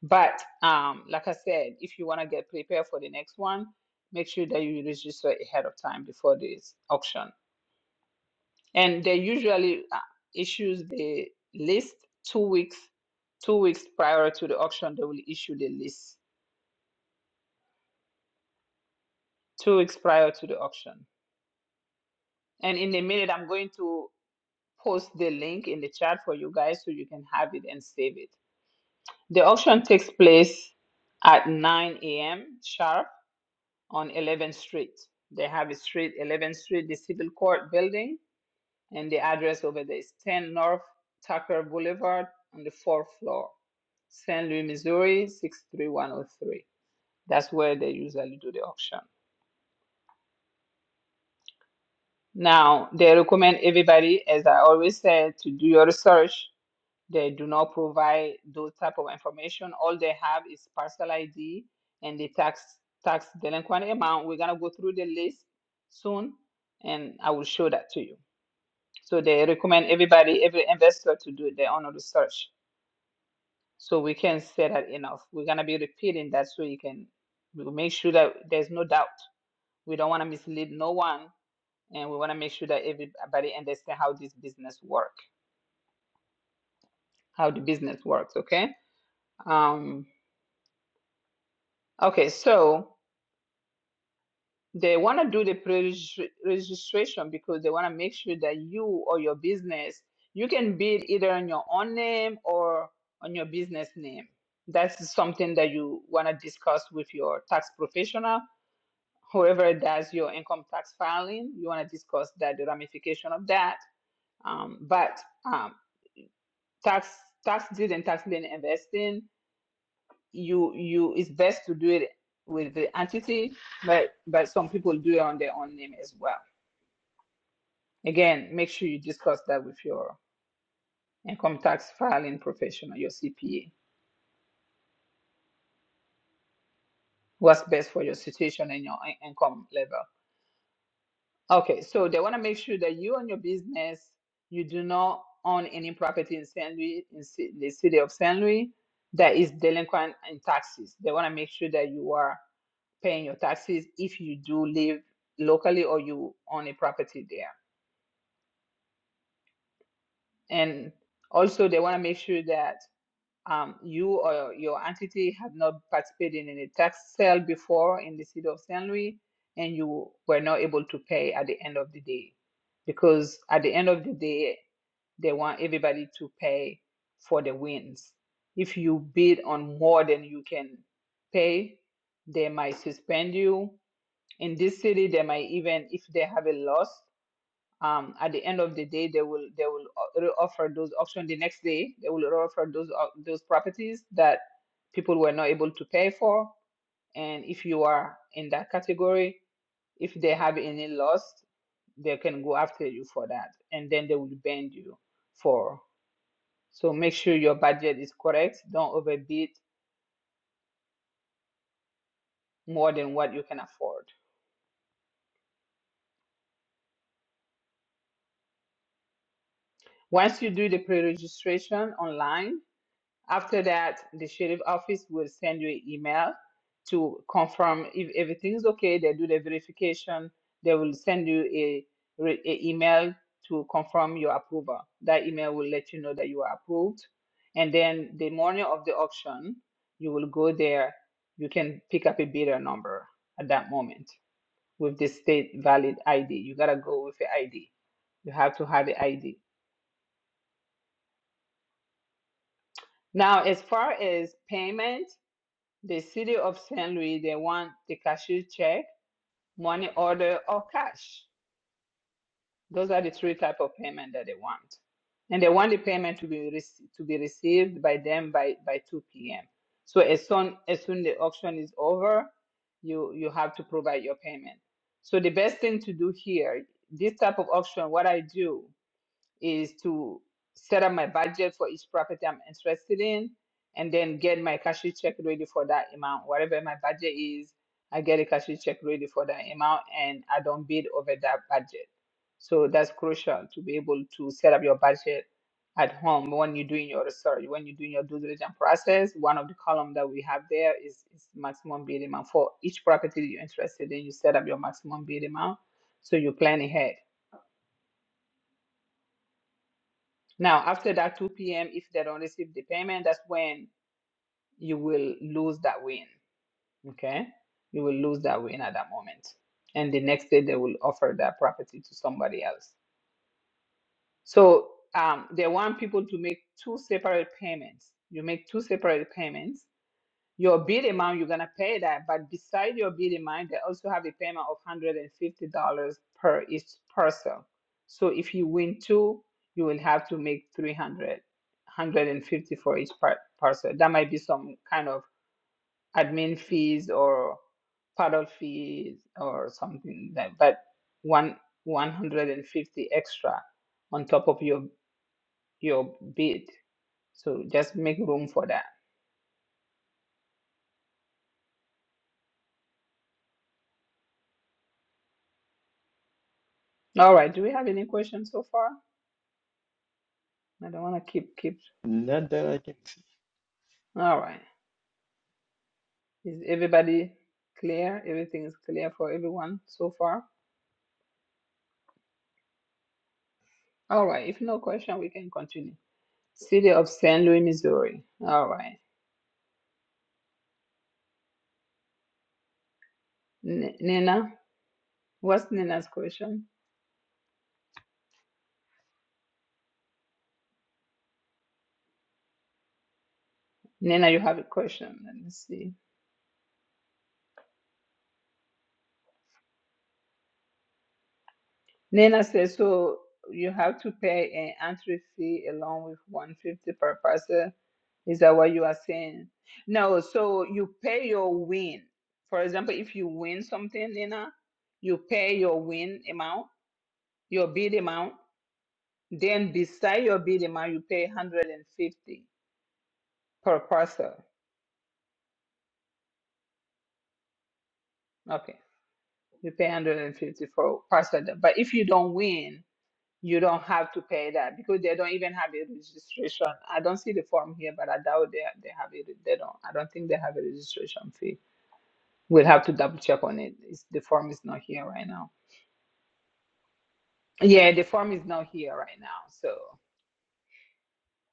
A: but um, like i said if you want to get prepared for the next one make sure that you register ahead of time before this auction and they usually uh, issues the list two weeks two weeks prior to the auction they will issue the list two weeks prior to the auction. And in a minute, I'm going to post the link in the chat for you guys so you can have it and save it. The auction takes place at 9 a.m. sharp on 11th Street. They have a street, 11th Street, the Civil Court building, and the address over there is 10 North Tucker Boulevard on the fourth floor, St. Louis, Missouri, 63103. That's where they usually do the auction. Now, they recommend everybody, as I always said, to do your research. They do not provide those type of information. All they have is parcel ID and the tax tax delinquent amount. We're gonna go through the list soon, and I will show that to you. So they recommend everybody, every investor, to do their own research. So we can say that enough. We're gonna be repeating that so you can we'll make sure that there's no doubt. We don't want to mislead no one and we want to make sure that everybody understand how this business work how the business works okay um okay so they want to do the pre-registration because they want to make sure that you or your business you can bid either on your own name or on your business name that's something that you want to discuss with your tax professional whoever does your income tax filing you want to discuss that the ramification of that um, but um, tax tax deed and tax lien investing you you it's best to do it with the entity but but some people do it on their own name as well again make sure you discuss that with your income tax filing professional your cpa what's best for your situation and your in- income level okay so they want to make sure that you and your business you do not own any property in Saint Louis, in ci- the city of Saint Louis—that that is delinquent in taxes they want to make sure that you are paying your taxes if you do live locally or you own a property there. And also, they want to make sure that um, you or your entity have not participated in a tax sale before in the city of St. Louis and you were not able to pay at the end of the day. Because at the end of the day, they want everybody to pay for the wins. If you bid on more than you can pay, they might suspend you in this city they might even if they have a loss um, at the end of the day they will they will o- offer those options the next day they will offer those op- those properties that people were not able to pay for and if you are in that category if they have any loss they can go after you for that and then they will bend you for so make sure your budget is correct don't overbid more than what you can afford once you do the pre-registration online After that, the sheriff office will send you an email to confirm if everything is okay. They do the verification. They will send you a, re- a email to confirm your approval. That email will let you know that you are approved. And then the morning of the auction, you will go there. You can pick up a bidder number at that moment with the state valid ID. You gotta go with the ID. You have to have the ID. Now, as far as payment, The city of St. Louis, they want the cashier check, money order, or cash. Those are the three type of payment that they want. And they want the payment to be rec- to be received by them by, by 2 p.m. So as soon as soon the auction is over, you you have to provide your payment. So the best thing to do here, this type of auction, what I do, is to set up my budget for each property I'm interested in and then get my cash check ready for that amount. Whatever my budget is, I get a cash check ready for that amount and I don't bid over that budget. So that's crucial to be able to set up your budget at home when you're doing your research, when you're doing your due diligence process. One of the column that we have there is, is maximum bid amount. For each property you're interested in, you set up your maximum bid amount so you plan ahead Now, after that 2 p.m., if they don't receive the payment, that's when you will lose that win. Okay? You will lose that win at that moment. And the next day, they will offer that property to somebody else. So um, they want people to make two separate payments. You make two separate payments your bid amount, you're gonna pay that. But beside your bid amount, they also have a payment of hundred and fifty dollars per each parcel. So if you win two, you will have to make three hundred, hundred and fifty for each par- parcel. That might be some kind of admin fees or paddle fees or something like that, but one one hundred and fifty extra on top of your your bid. So just make room for that. All right. Do we have any questions so far? I don't want to keep keep.
G: Not that I can see.
A: All right. Is everybody clear? Everything is clear for everyone so far? All right. If no question, we can continue. City of St. Louis, Missouri. All right. N- Nina, what's Nina's question? Nina, you have a question. Let me see. Nina says, so you have to pay an entry fee along with 150 per person. Is that what you are saying? No, so you pay your win. For example, if you win something, Nina, you pay your win amount, your bid amount. Then beside your bid amount, you pay 150 per parcel. Okay, you pay 150 for parcel. But if you don't win, you don't have to pay that because they don't even have a registration. I don't see the form here, but I doubt they they have it. They don't. I don't think they have a registration fee. We'll have to double check on it. It's, the form is not here right now. Yeah, the form is not here right now, so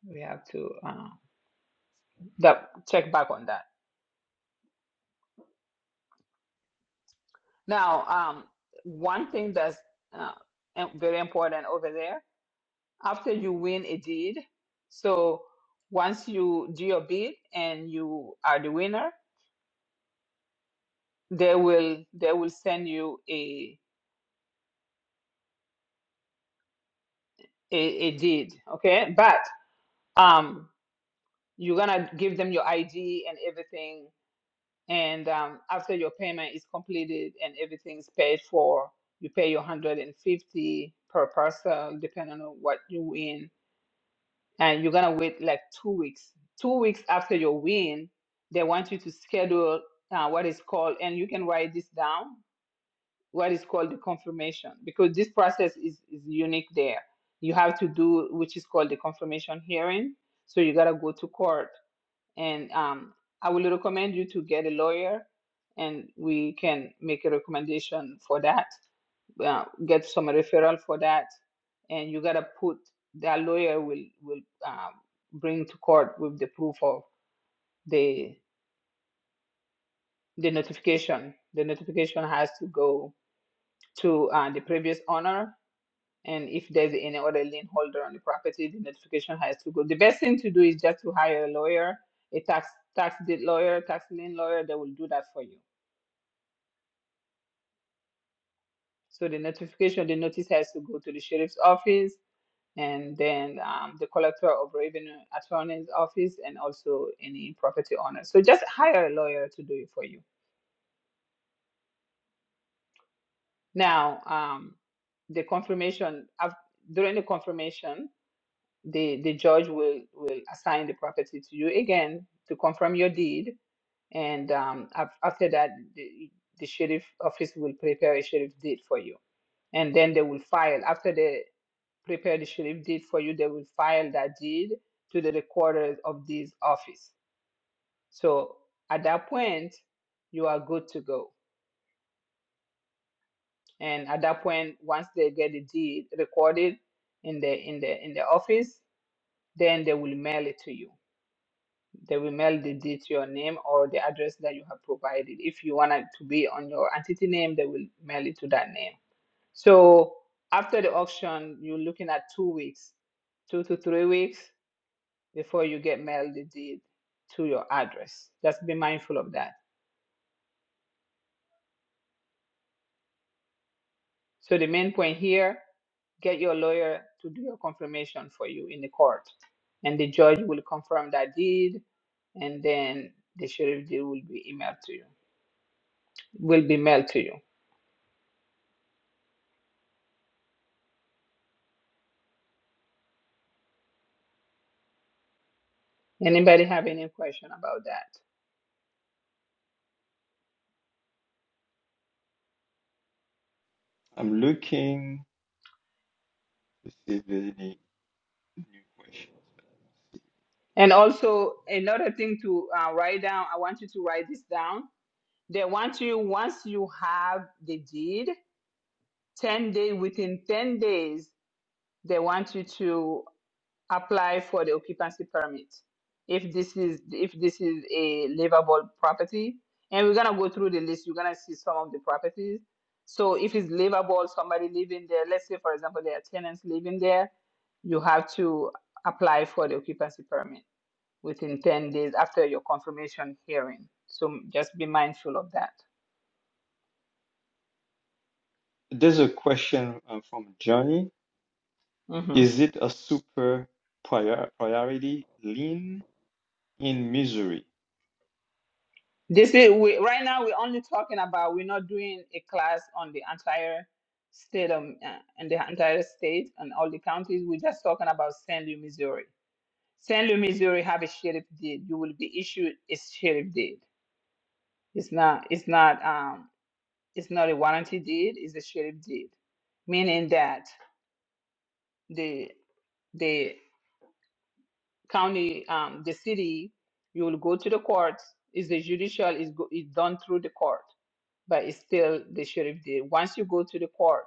A: we have to uh, dou- check back on that. Now, um, one thing that's uh, im- very important over there after you win a deed, so once you do your bid and you are the winner they will they will send you a a, a deed okay but um you're gonna give them your id and everything and um, after your payment is completed and everything's paid for you pay your 150 per parcel depending on what you win and you're gonna wait like two weeks two weeks after your win they want you to schedule uh, what is called and you can write this down what is called the confirmation because this process is, is unique there you have to do which is called the confirmation hearing so you got to go to court and um, i will recommend you to get a lawyer and we can make a recommendation for that uh, get some referral for that and you got to put that lawyer will will um, bring to court with the proof of the the notification the notification has to go to uh, the previous owner And if there's any other lien holder on the property, the notification has to go. The best thing to do is just to hire a lawyer, a tax tax deed lawyer, tax lien lawyer that will do that for you. So the notification, the notice has to go to the sheriff's office and then um, the collector of revenue attorney's office and also any property owner. So just hire a lawyer to do it for you. Now, um, the confirmation, af- during the confirmation, the the judge will will assign the property to you again to confirm your deed and um, af- after that the, the sheriff office will prepare a sheriff deed for you and then they will file after they prepare the sheriff deed for you they will file that deed to the recorder of this office so at that point you are good to go and at that point once they get the deed recorded in the in the in the office then they will mail it to you they will mail the deed to your name or the address that you have provided. If you want it to be on your entity name, they will mail it to that name. So after the auction, you're looking at two weeks, two to three weeks before you get mailed the deed to your address. Just be mindful of that. So the main point here, get your lawyer to do your confirmation for you in the court. And the judge will confirm that deed and then the sheriff deed will be emailed to you, will be mailed to you. Anybody have any question about that?
G: I'm looking to see if there's any new questions.
A: And also another thing to uh, write down. I want you to write this down. They want you once you have the deed, ten days within ten days. They want you to. apply for the occupancy permit if this is if this is a livable property and we're gonna go through the list you're gonna see some of the properties so if it's livable somebody living there let's say for example there are tenants living there you have to apply for the occupancy permit within 10 days after your confirmation hearing so just be mindful of that
G: There's a question uh, from Johnny.
A: Mm-hmm.
G: Is it a super prior priority lean in Missouri?
A: This is we right now we're only talking about we're not doing a class on the entire state of uh, and the entire state and all the counties. We're just talking about St. Louis, Missouri. St. Louis, Missouri have a sheriff deed. You will be issued a sheriff deed. It's not it's not um it's not a warranty deed, it's a sheriff deed. Meaning that the the county um the city you will go to the court, is the judicial is go, is done through the court but it's still the sheriff did. Once you go to the court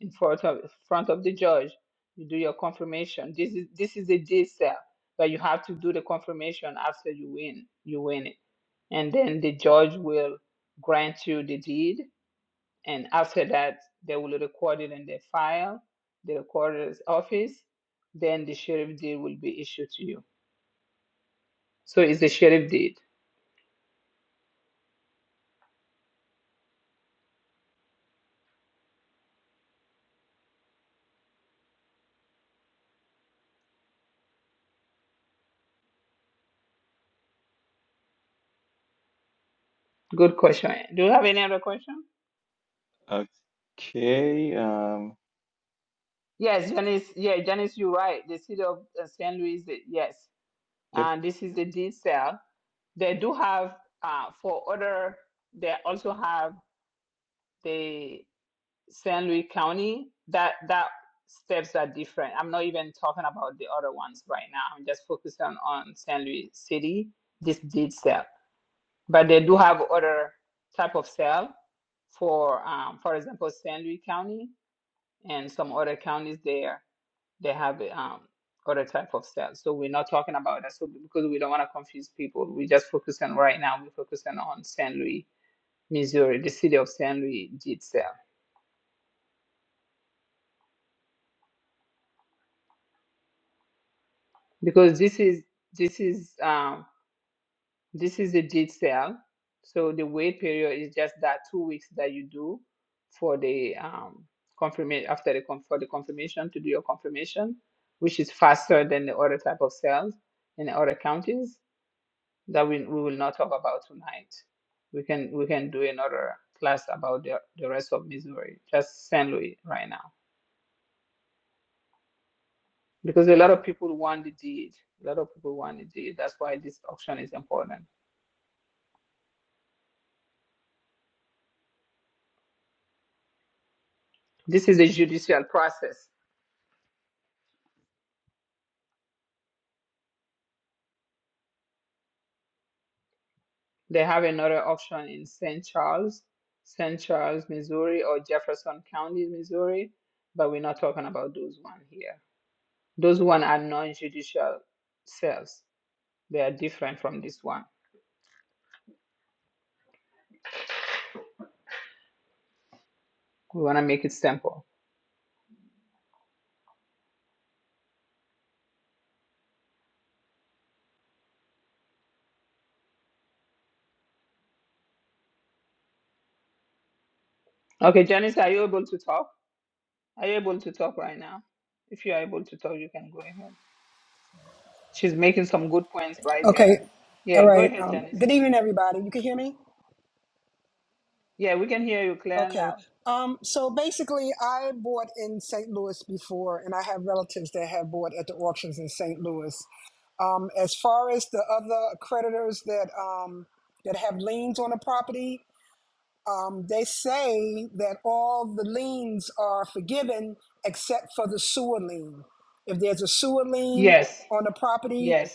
A: in front of front of the judge, you do your confirmation. This is this is a day cell, but you have to do the confirmation after you win. You win it, and then the judge will grant you the deed, and after that they will record it in their file, the recorder's office. Then the sheriff deed will be issued to you. So it's the sheriff deed. Good question. Do you have any other question?
G: Okay. Um,
A: Yes, Janice. Yeah, Janice, you're right. The city of uh, St. Louis, eh, yes.
G: yep.
A: And this is the deed sale. They do have, uh, for other, they also have the St. Louis County. That that steps are different. I'm not even talking about the other ones right now. I'm just focused on on St. Louis City. This deed sale, but they do have other type of sale for, um, for example, St. Louis County and some other counties there. They have um, other type of styles. So we're not talking about that. So because we don't want to confuse people, we just focus on right now. We're focusing on St. Louis, Missouri, the city of St. Louis jit style. Because this is this is um, this is the jit style. So the wait period is just that two weeks that you do for the um, confirmation after the con- for the confirmation to do your confirmation, which is faster than the other type of cells in the other counties. that we, we will not talk about tonight. We can we can do another class about the, the rest of Missouri, just St. Louis right now. Because a lot of people want the deed. A lot of people want the deed. That's why this auction is important. This is a judicial process. They have another auction in St. Charles, St. Charles, Missouri, or Jefferson County, Missouri, but we're not talking about those one here. Those one are non-judicial sales. They are different from this one. We want to make it simple. Okay, Janice, are you able to talk? Are you able to talk right now? If you are able to talk, you can go ahead. She's making some good points right
J: Okay.
A: there.
J: All
A: Yeah, go
J: right.
A: ahead,
J: Um,
A: Janice.
J: good evening, everybody. You can hear me?
A: Yeah, we can hear you clear and
J: Okay.
A: loud.
J: Um, so basically, I bought in St. Louis before, and I have relatives that have bought at the auctions in St. Louis. Um, as far as the other creditors that um, that have liens on the property, um, they say that all the liens are forgiven except for the sewer lien. If there's a sewer lien
A: Yes,
J: on the property,
A: yes,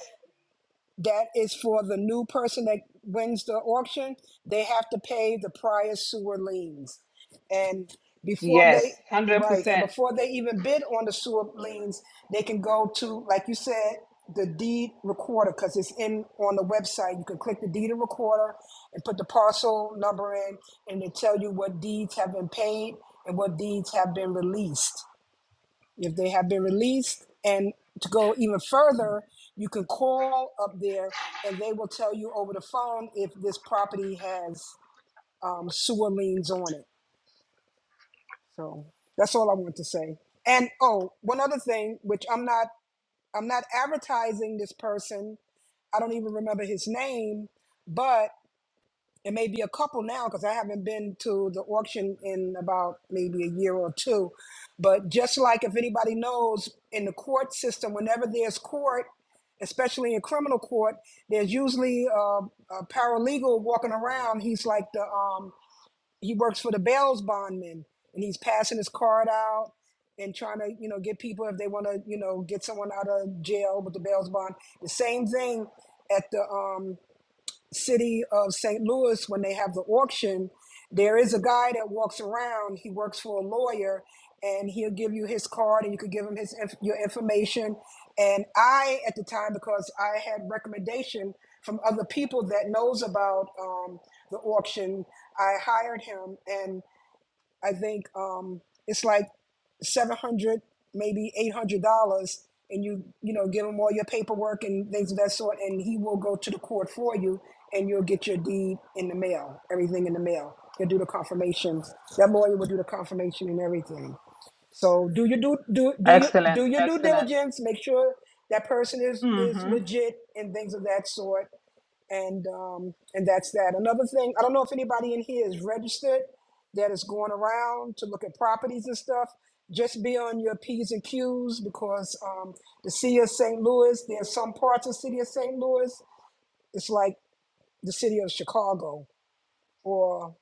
J: that is for the new person that wins the auction. They have to pay the prior sewer liens. And before
A: yes,
J: they, right, and
A: 100%.
J: before they even bid on the sewer liens, they can go to, like you said, the deed recorder, because it's in on the website. You can click the deed recorder and put the parcel number in, and they tell you what deeds have been paid and what deeds have been released if they have been released and to go even further you can call up there and they will tell you over the phone if this property has um, sewer liens on it so that's all i want to say and oh one other thing which i'm not i'm not advertising this person i don't even remember his name but It may be a couple now because I haven't been to the auction in about maybe a year or two. But just like if anybody knows in the court system, whenever there's court, especially in criminal court, there's usually a, a paralegal walking around. He's like the um, he works for the bail's bondman, and he's passing his card out and trying to you know get people if they want to you know get someone out of jail with the bail's bond. The same thing at the um, city of St. Louis when they have the auction, there is a guy that walks around. He works for a lawyer, and he'll give you his card, and you could give him his inf- your information. And I, at the time, because I had recommendation from other people that knows about um, the auction, I hired him, and. I think um, it's like seven hundred, maybe eight hundred dollars, and you you know give him all your paperwork and things of that sort, and he will go to the court for you, and you'll get your deed in the mail, everything in the mail. He'll do the confirmation. That lawyer will do the confirmation and everything. So do your do do do your
A: Excellent,
J: do your due
A: excellent.
J: diligence. Make sure that person is is
A: Mm-hmm.
J: legit and things of that sort and um, and that's that. Another thing, I don't know if anybody in here is registered that is going around to look at properties and stuff. Just be on your P's and Q's because um, the city of St. Louis, there's some parts of the city of St. Louis, it's like the city of Chicago or.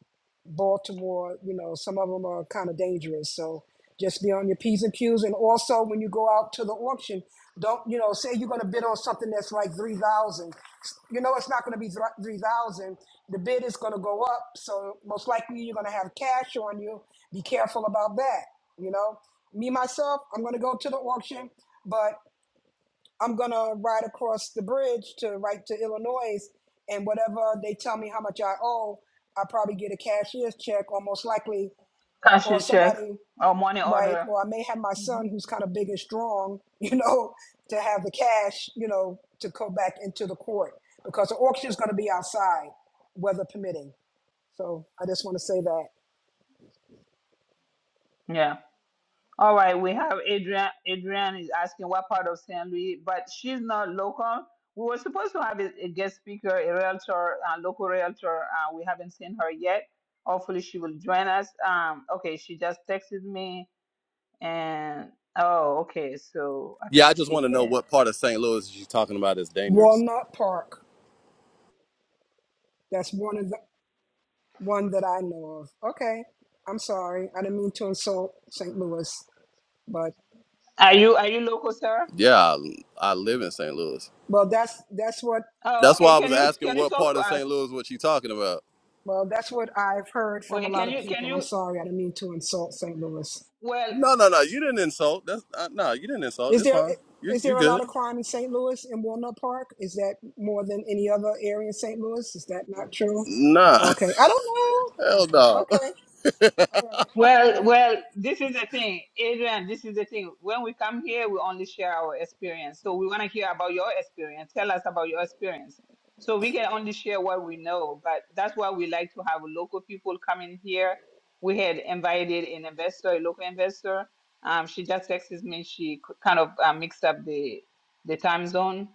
J: Baltimore, you know, some of them are kind of dangerous. So just be on your P's and Q's. And also when you go out to the auction, don't, you know, say you're going to bid on something that's like 3,000. You know, it's not going to be 3,000. The bid is going to go up. So most likely you're going to have cash on you. Be careful about that. You know, me, myself, I'm going to go to the auction, but I'm gonna ride across the bridge to right to Illinois, and whatever they tell me how much I owe, I probably get a cashier's check, or most likely,
A: Cash
J: or
A: your check
J: somebody
A: or money
J: right,
A: order.
J: or I may have my son
A: Mhm.
J: who's kind of big and strong, you know, to have the cash, you know, to go back into the court because the auction is gonna be outside, weather permitting. So I just want to say that
A: All right, we have Adrian. Adrian is asking what part of St. Louis, but she's not local. We were supposed to have a, a guest speaker, a realtor, a local realtor. Uh, we haven't seen her yet. Hopefully, she will join us. Um, okay, she just texted me, and oh, okay, so I
K: Yeah, I
A: think
K: just
A: she
K: want to know
A: had.
K: what part of St. Louis she's talking about is dangerous.
J: Walnut Park, that's one of the one that I know of. Okay, I'm sorry, I didn't mean to insult St. Louis, but
A: Are you are you local, sir?
K: Yeah, I, I live in St. Louis.
J: Well, that's that's what
A: Oh,
K: That's
A: okay.
K: why I
A: Can
K: was
A: you
K: asking
A: can you
K: what
A: talk
K: part
A: to
K: of
A: us?
K: St. Louis what she talking about.
J: well that's what I've heard
A: Well,
J: from a
A: can
J: lot of
A: you can
J: people. I'm
A: you?
J: sorry, I didn't mean to insult St. Louis.
A: Well,
K: No, no, no. You didn't insult. That's uh, no. You didn't insult.
J: Is
K: It's
J: there
K: fine. You
J: is
K: you
J: there a lot
K: good?
J: of crime in St. Louis in Walnut Park? Is that more than any other area in St. Louis? Is that not true?
K: Nah,
J: Okay, I don't know.
K: hell no.
J: Okay, all right.
A: Well, well, this is the thing, Adrian. This is the thing. When we come here, we only share our experience. So we want to hear about your experience. Tell us about your experience. So we can only share what we know, but that's why we like to have local people coming here. We had invited an investor, a local investor. Um, she just texted me. She c- kind of uh, mixed up the the time zone,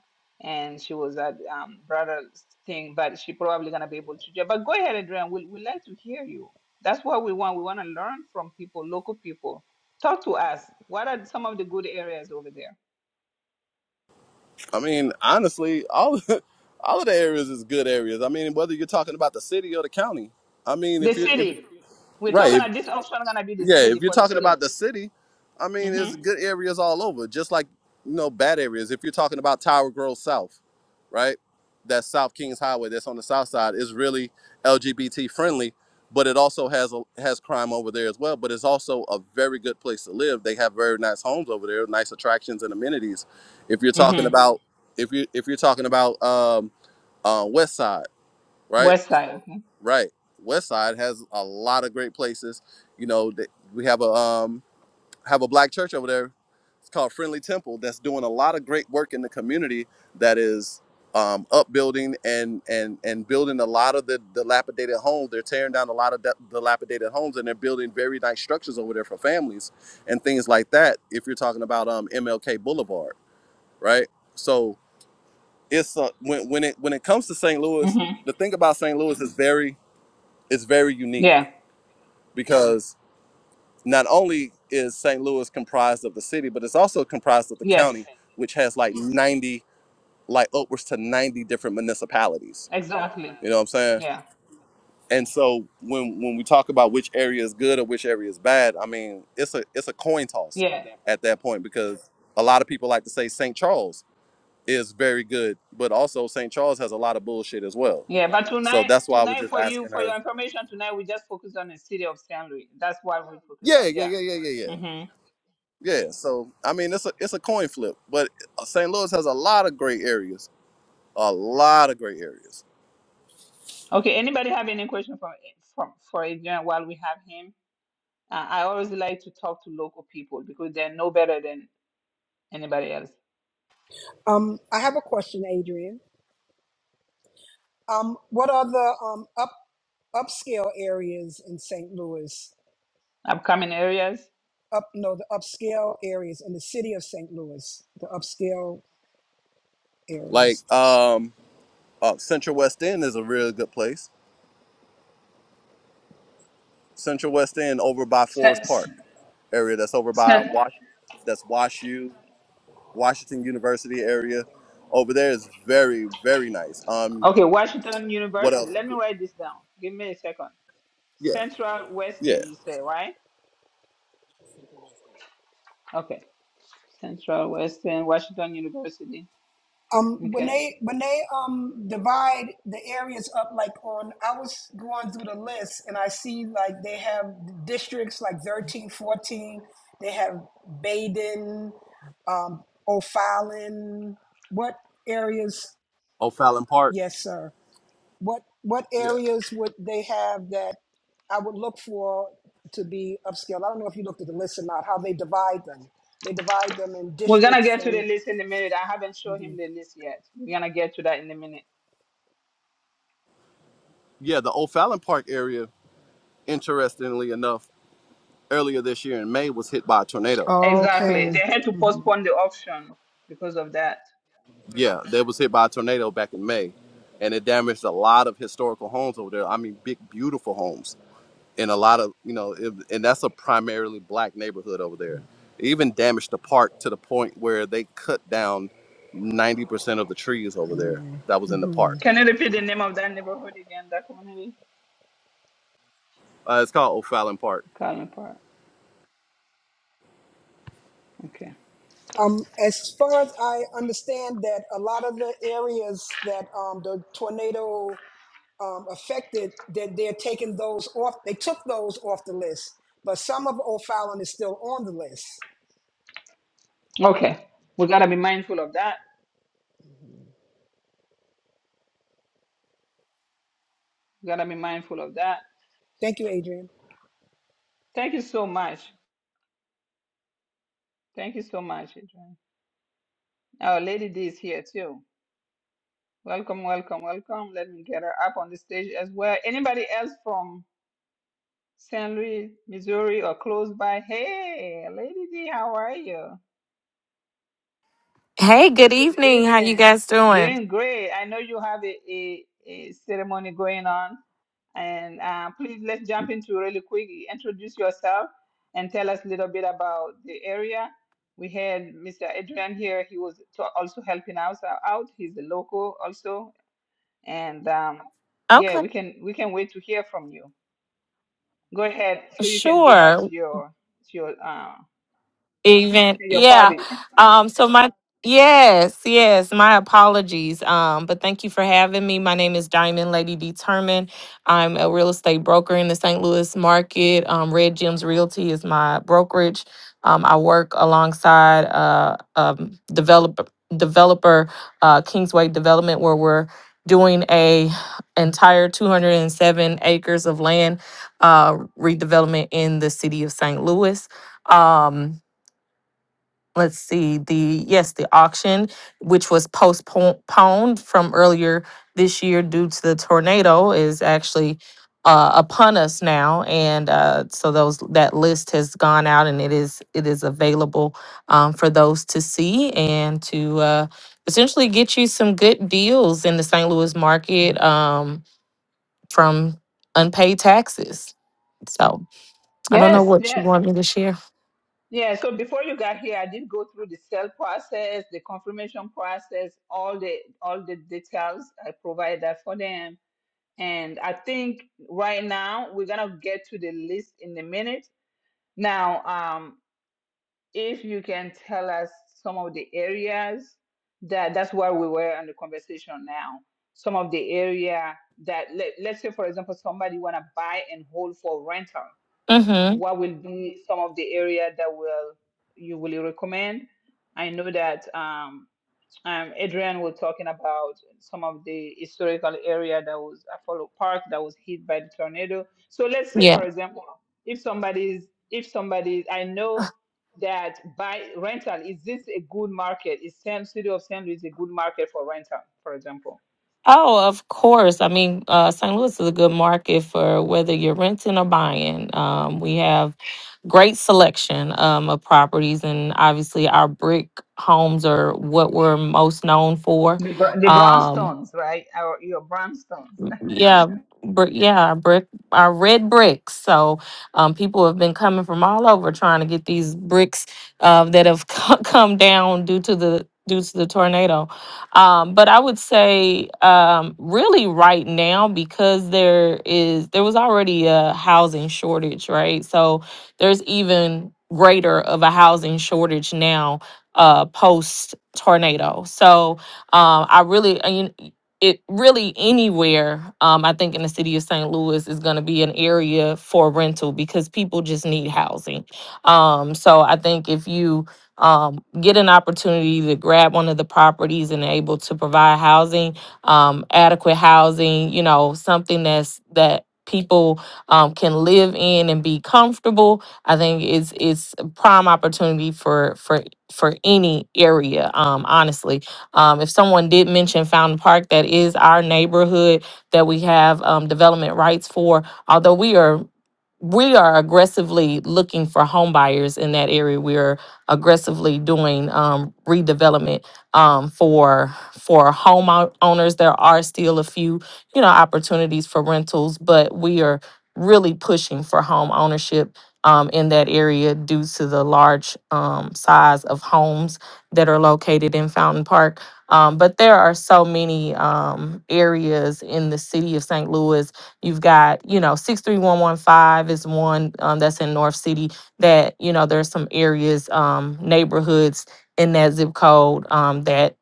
A: and she was at um, brother's thing, but she probably gonna be able to. But go ahead, Adrian. We we like to hear you. That's what we want. We want to learn from people, local people. Talk to us. What are some of the good areas over there?
K: I mean, honestly, all all of the areas is good areas. I mean, whether you're talking about the city or the county. I mean,
A: The
K: if you if
A: city. We're
K: right,
A: talking
K: if,
A: about this option gonna be the
K: yeah,
A: city
K: if you're
A: for the
K: talking about
A: city.
K: the city, I mean, there's
A: Mm-hmm.
K: good areas all over. Just like you know, bad areas. If you're talking about Tower Grove South. right? That South Kings Highway that's on the south side is really LGBT friendly, but it also has a, has crime over there as well. But it's also a very good place to live. They have very nice homes over there, nice attractions and amenities. If you're talking
A: Mm-hmm.
K: about if you if you're talking about um, uh, West Side, right?
A: West side. Okay.
K: Right. West Side has a lot of great places. You know, that we have a um, have a black church over there. It's called Friendly Temple. That's doing a lot of great work in the community. That is um, upbuilding and and and building a lot of the dilapidated homes. They're tearing down a lot of the dilapidated homes and they're building very nice structures over there for families and things like that. If you're talking about um, MLK Boulevard, right? So it's uh, when when it when it comes to St. Louis,
A: Mm-hmm.
K: the thing about St. Louis is very is very unique
A: Yeah.
K: because not only is St. Louis comprised of the city, but it's also comprised of the
A: Yes.
K: county, which has like 90, like upwards to 90 different municipalities.
A: Exactly.
K: You know what I'm saying?
A: Yeah.
K: And so when when we talk about which area is good or which area is bad, I mean it's a it's a coin toss
A: Yeah.
K: at that point because a lot of people like to say St. Charles is very good, but also St. Charles has a lot of bullshit as well.
A: Yeah. But
K: So
A: tonight,
K: that's why I was
A: tonight
K: just
A: for you,
K: asking
A: for your
K: her.
A: information, tonight we just focus on the city of Saint Louis. That's what we focus
K: Yeah,
A: on.
K: yeah,
A: Yeah.
K: yeah, yeah, yeah, yeah.
A: Mm-hmm.
K: Yeah, so I mean, it's a it's a coin flip, but St. Louis has a lot of great areas, a lot of great areas.
A: Okay. Anybody have any question for for for Adrian while we have him? I I always like to talk to local people because they are no better than anybody else.
J: Um, I have a question, Adrian. Um, what are the um up upscale areas in St. Louis?
A: Upcoming areas.
J: Up no, the upscale areas in the city of St. Louis, the upscale areas.
K: Like um, uh, Central West End is a really good place. Central West End over by
A: Seth,
K: Forest
A: S-
K: Park area, that's over by Wash, that's Wash U, Washington University area. Over there is very very nice. Um,
A: Okay, Washington
K: what
A: University.
K: else?
A: Let me write this down. Give me a second.
K: Yeah,
A: Central
K: yeah.
A: Western, you say, right? Okay. Central Western, Washington University.
J: Um, when
A: Okay.
J: they when they um divide the areas up, like on I was going through the list and I see like they have districts like 13, 14. they have Baden, um, O'Fallon. What areas?
K: O'Fallon Park.
J: Yes, sir. What what
K: Yeah,
J: areas would they have that I would look for to be upscale? I don't know if you looked at the list or not. How they divide them? They divide them in
A: We're gonna
J: districts
A: get to the
J: and.
A: list in a minute. I haven't shown him
J: Mhm.
A: the list yet. We're gonna get to that in a minute.
K: yeah. The O'Fallon Park area, interestingly enough, earlier this year in May was hit by a tornado
A: Exactly.
J: Okay.
A: They had to
J: Mm-hmm.
A: postpone the auction because of that.
K: Yeah, that was hit by a tornado back in May, and it damaged a lot of historical homes over there. I mean, big, beautiful homes, and a lot of you know, it, and that's a primarily black neighborhood over there. It even damaged the park to the point where they cut down ninety percent of the trees over there that was in the
J: Mm-hmm.
K: park.
A: Can you repeat the name of that neighborhood again, that community?
K: Uh, it's called O'Fallon Park.
A: Calvin Park. Okay.
J: Um, as far as I understand, that a lot of the areas that um, the tornado um, affected, that they're taking those off. They took those off the list, but some of O'Fallon is still on the list.
A: Okay, we gotta be mindful of that. We gotta be mindful of that.
J: Thank you, Adrian.
A: Thank you so much. Thank you so much, Adrian. Our Lady D is here too. Welcome, welcome, welcome. Let me get her up on the stage as well. Anybody else from St. Louis, Missouri, or close by? Hey, Lady D, how are you?
L: Hey, good
A: Good
L: evening. How you
A: evening.
L: guys doing?
A: Doing great. I know you have a, a, a ceremony going on. And uh, please let's jump into really quick. Introduce yourself and tell us a little bit about the area. We had Mr. Adrian here. He was to- also helping us out. He's a local also, and um, yeah,
L: Okay,
A: we can we can wait to hear from you. Go ahead, so you can go back
L: sure.
A: to your to your uh,
L: Even
A: your
L: yeah.
A: party.
L: Um so my yes, yes, my apologies. Um but thank you for having me. My name is Diamond Lady Determined. I'm a real estate broker in the St. Louis market. Um Red Gems Realty is my brokerage. Um I work alongside uh um developer developer uh Kingsway Development where we're doing a entire 207 acres of land uh redevelopment in the city of St. Louis. Um let's see the yes the auction which was postponed from earlier this year due to the tornado is actually uh, upon us now and uh, so those that list has gone out and it is it is available um, for those to see and to uh, essentially get you some good deals in the st louis market um, from unpaid taxes so i don't know
A: Yes,
L: what you
A: yes.
L: want me to share
A: Yeah, so before you got here, I did go through the sale process, the confirmation process, all the all the details. I provide that for them And I think right now we're gonna get to the list in a minute. Now, um, if you can tell us some of the areas that that's where we were on the conversation now. Some of the area that let, let's say for example somebody wanna buy and hold for rental.
L: mm-hmm.
A: What will be some of the area that will you will recommend? I know that um, um, Adrian was talking about some of the historical area that was Apollo Park that was hit by the tornado. So let's say,
L: Yeah.
A: for example, if somebody's if somebody I know that buy rental is this a good market? Is Sam City of San Luis a good market for rental, for example?
L: Oh, of course. I mean, uh, St. Louis is a good market for whether you're renting or buying. Um, we have great selection um, of properties, and obviously, our brick homes are what we're most known for.
A: The br- the
L: Um,
A: brownstones, right? Or your brownstones.
L: yeah, brick, yeah, our brick, our red bricks. So, um, people have been coming from all over trying to get these bricks, uh, that have co- come down due to the due to the tornado. Um, but I would say, um, really right now because there is there was already a housing shortage, right? So there's even greater of a housing shortage now, uh, post tornado. So, um, I really, uh, you, it really anywhere um i think in the city of st louis is going to be an area for rental because people just need housing um so i think if you um get an opportunity to grab one of the properties and able to provide housing um adequate housing you know something that's that people um, can live in and be comfortable i think it's it's a prime opportunity for for for any area um honestly um, if someone did mention Fountain Park, that is our neighborhood that we have um, development rights for. Although we are we are aggressively looking for home buyers in that area. We're aggressively doing um, redevelopment um, for for home ou- owners. There are still a few, you know, opportunities for rentals, but we are really pushing for home ownership um, in that area due to the large um, size of homes that are located in Fountain Park. Um, but there are so many um, areas in the city of St. Louis You've got, you know, 63115 is one um, that's in North City that, you know, there's some areas, um, neighborhoods in that zip code um, that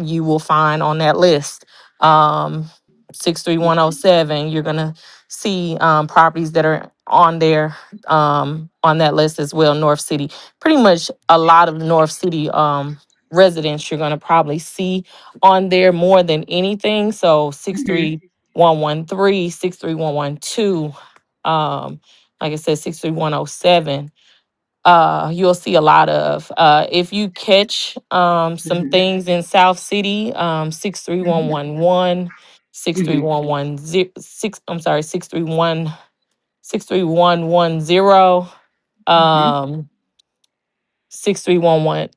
L: you will find on that list. Um,
A: Okay.
L: 63107, you're going to see um, properties that are on there um, on that list as well, North City. Pretty much a lot of North City um, residents you're going to probably see on there more than anything. So six
A: Mm-hmm.
L: three. 113 63112, um, like I said, 63107. Uh, you'll see a lot of. Uh, if you catch um, some
A: Mm-hmm.
L: things in South City, um,
A: Mm-hmm.
L: 63111, six, three
A: Mm-hmm.
L: one one zero, six, I'm sorry, 631,
A: hmm
L: um, 63118,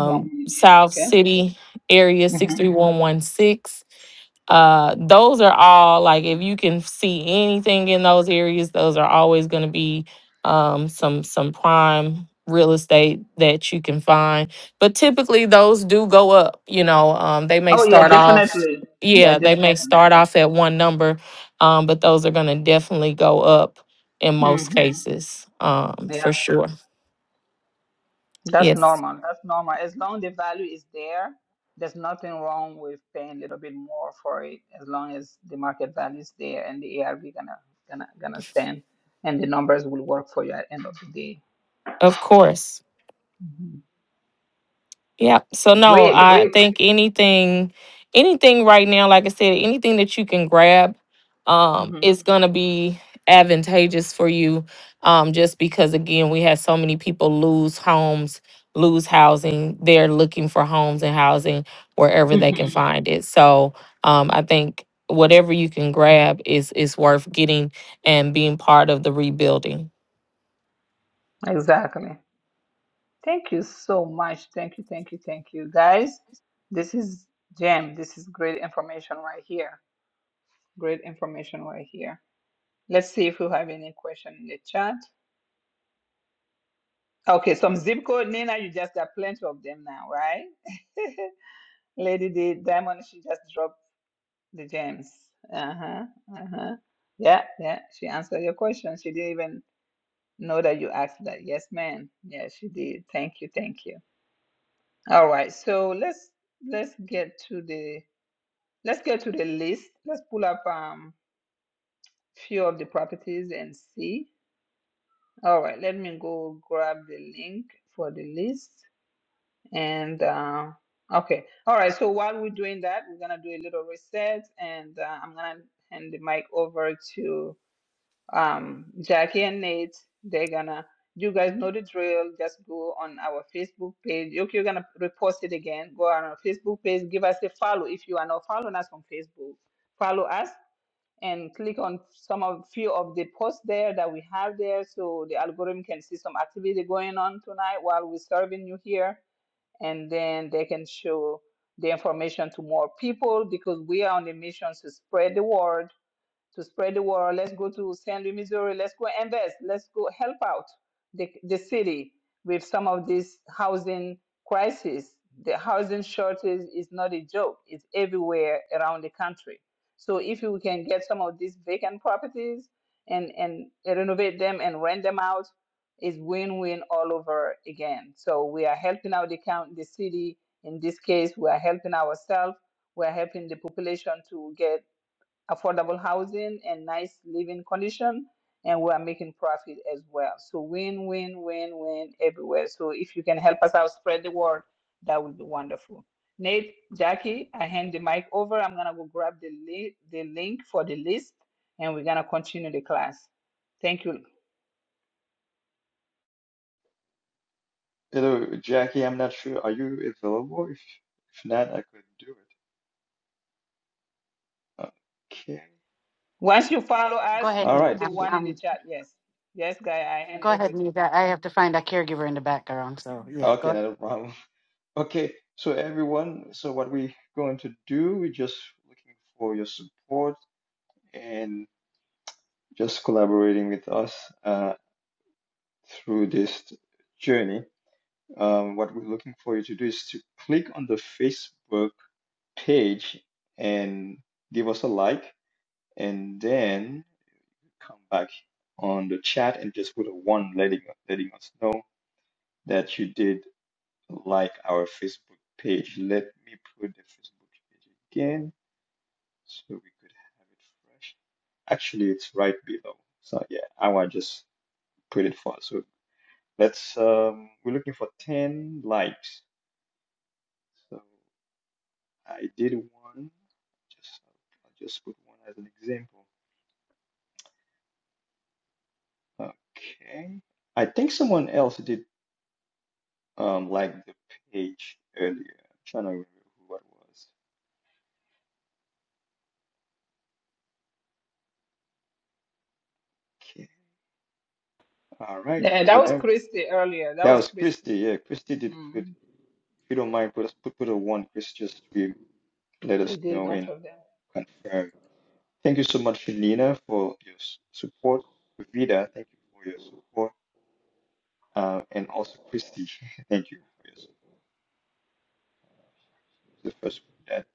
A: One minute,
L: South
A: okay.
L: City area,
A: Mm-hmm.
L: 63116 uh those are all like if you can see anything in those areas those are always going to be um some some prime real estate that you can find but typically those do go up you know um they may
A: Oh yeah,
L: start off
A: definitely. Yeah,
L: yeah they may
A: definitely.
L: start
A: Yeah.
L: off at one number um but those are going to definitely go up in most
A: Mm-hmm.
L: cases um
A: Yeah,
L: for sure
A: that's
L: yes
A: normal. That's normal. As long the value is there, there's nothing wrong with paying a little bit more for it. As long as the market value is there and the ARV gonna gonna gonna stand, and the numbers will work for you at end of the day.
L: of course
A: Mhm.
L: Yep. So no,
A: Great,
L: I
A: great.
L: think anything, anything right now, like I said, anything that you can grab, um,
A: hmm
L: is gonna be advantageous for you. Um, just because again, we had so many people lose homes, lose housing. They're looking for homes and housing wherever they can
A: hmm
L: find it. So, um, I think whatever you can grab is is worth getting and being part of the rebuilding.
A: Exactly. Thank you so much. Thank you, thank you, thank you, guys. This is Jam. This is great information right here. Great information right here. Let's see if you have any question in the chat. Okay, some zip code, Nina, you just got plenty of them now, right? Lady D Diamond, she just dropped the gems. Uh-huh. Uh-huh. Yeah, yeah. She answered your question. She didn't even know that you asked that. Yes, ma'am. Yeah, she did. Thank you, thank you. All right. So let's let's get to the let's get to the list. Let's pull up um few of the properties and see. All right, let me go grab the link for the list. And uh, okay, all right. So while we're doing that, we're gonna do a little reset, and uh, I'm gonna hand the mic over to um, Jackie and Nate. They're gonna. You guys know the drill. Just go on our Facebook page. You- You're gonna repost it again. Go on our Facebook page. Give us a follow if you are not following us on Facebook. Follow us and click on some of few of the posts there that we have there, so the algorithm can see some activity going on tonight while we're serving you here and then they can show the information to more people because we are on a mission to spread the word to spread the word. Let's go to St. Louis, Missouri. Let's go invest. Let's go help out the, the city with some of this housing crisis. The housing shortage is not a joke. It's everywhere around the country. So if you can get some of these vacant properties and, and renovate them and rent them out, it's win-win all over again. So we are helping out the count, the city. In this case, we are helping ourselves. We are helping the population to get affordable housing and nice living condition and we are making profit as well so win win win win everywhere so if you can help us out spread the word that would be wonderful nate jackie i hand the mic over i'm gonna go grab the, li- the link for the list and we're gonna continue the class thank you
G: Hello, Jackie. I'm not sure. Are you available? If if not, I could do it. Okay.
A: once you follow us
E: Go ahead,
A: you
G: All
E: Nita.
A: put
G: right.
A: the
E: I'm,
G: So
A: one in the
E: I'm,
A: chat yes yes guy i hand
E: go
A: it over
E: ahead,
A: to you
E: Nita. I have to find a caregiver in the background. So yeah, go.
G: okay, not a problem. Okay. So everyone, so what we going to do, we're just looking for your support and just collaborating with us uh, through this journey. Um, what we're looking for you to do is to click on the Facebook page and give us a like, and then. come back on the chat and just put a one letting letting us know that you did like our Facebook page. Let me put the Facebook page again so we could have it fresh. Actually, it's right below. So yeah, I want to just put it for us. so let's um we're looking for 10 likes. So I did one. Just I'll just put one as an example. Okay. I think someone else did um like the page earlier. I'm trying to remember who it was. Okay. All right,
A: yeah that was
G: Nina.
A: christy earlier that
G: That
A: was
G: was
A: christy
G: Christy. Yeah, Christy did put
A: Mhm.
G: if you don't mind put us put, put a one, Chris, just to let
A: she
G: us
A: did a
G: know
A: bunch
G: and
A: of them
G: confirm. Thank you so much, Nina, for your s- support. Vida, thank you for your support. Uh, and also Christy, thank you for your support. The first one that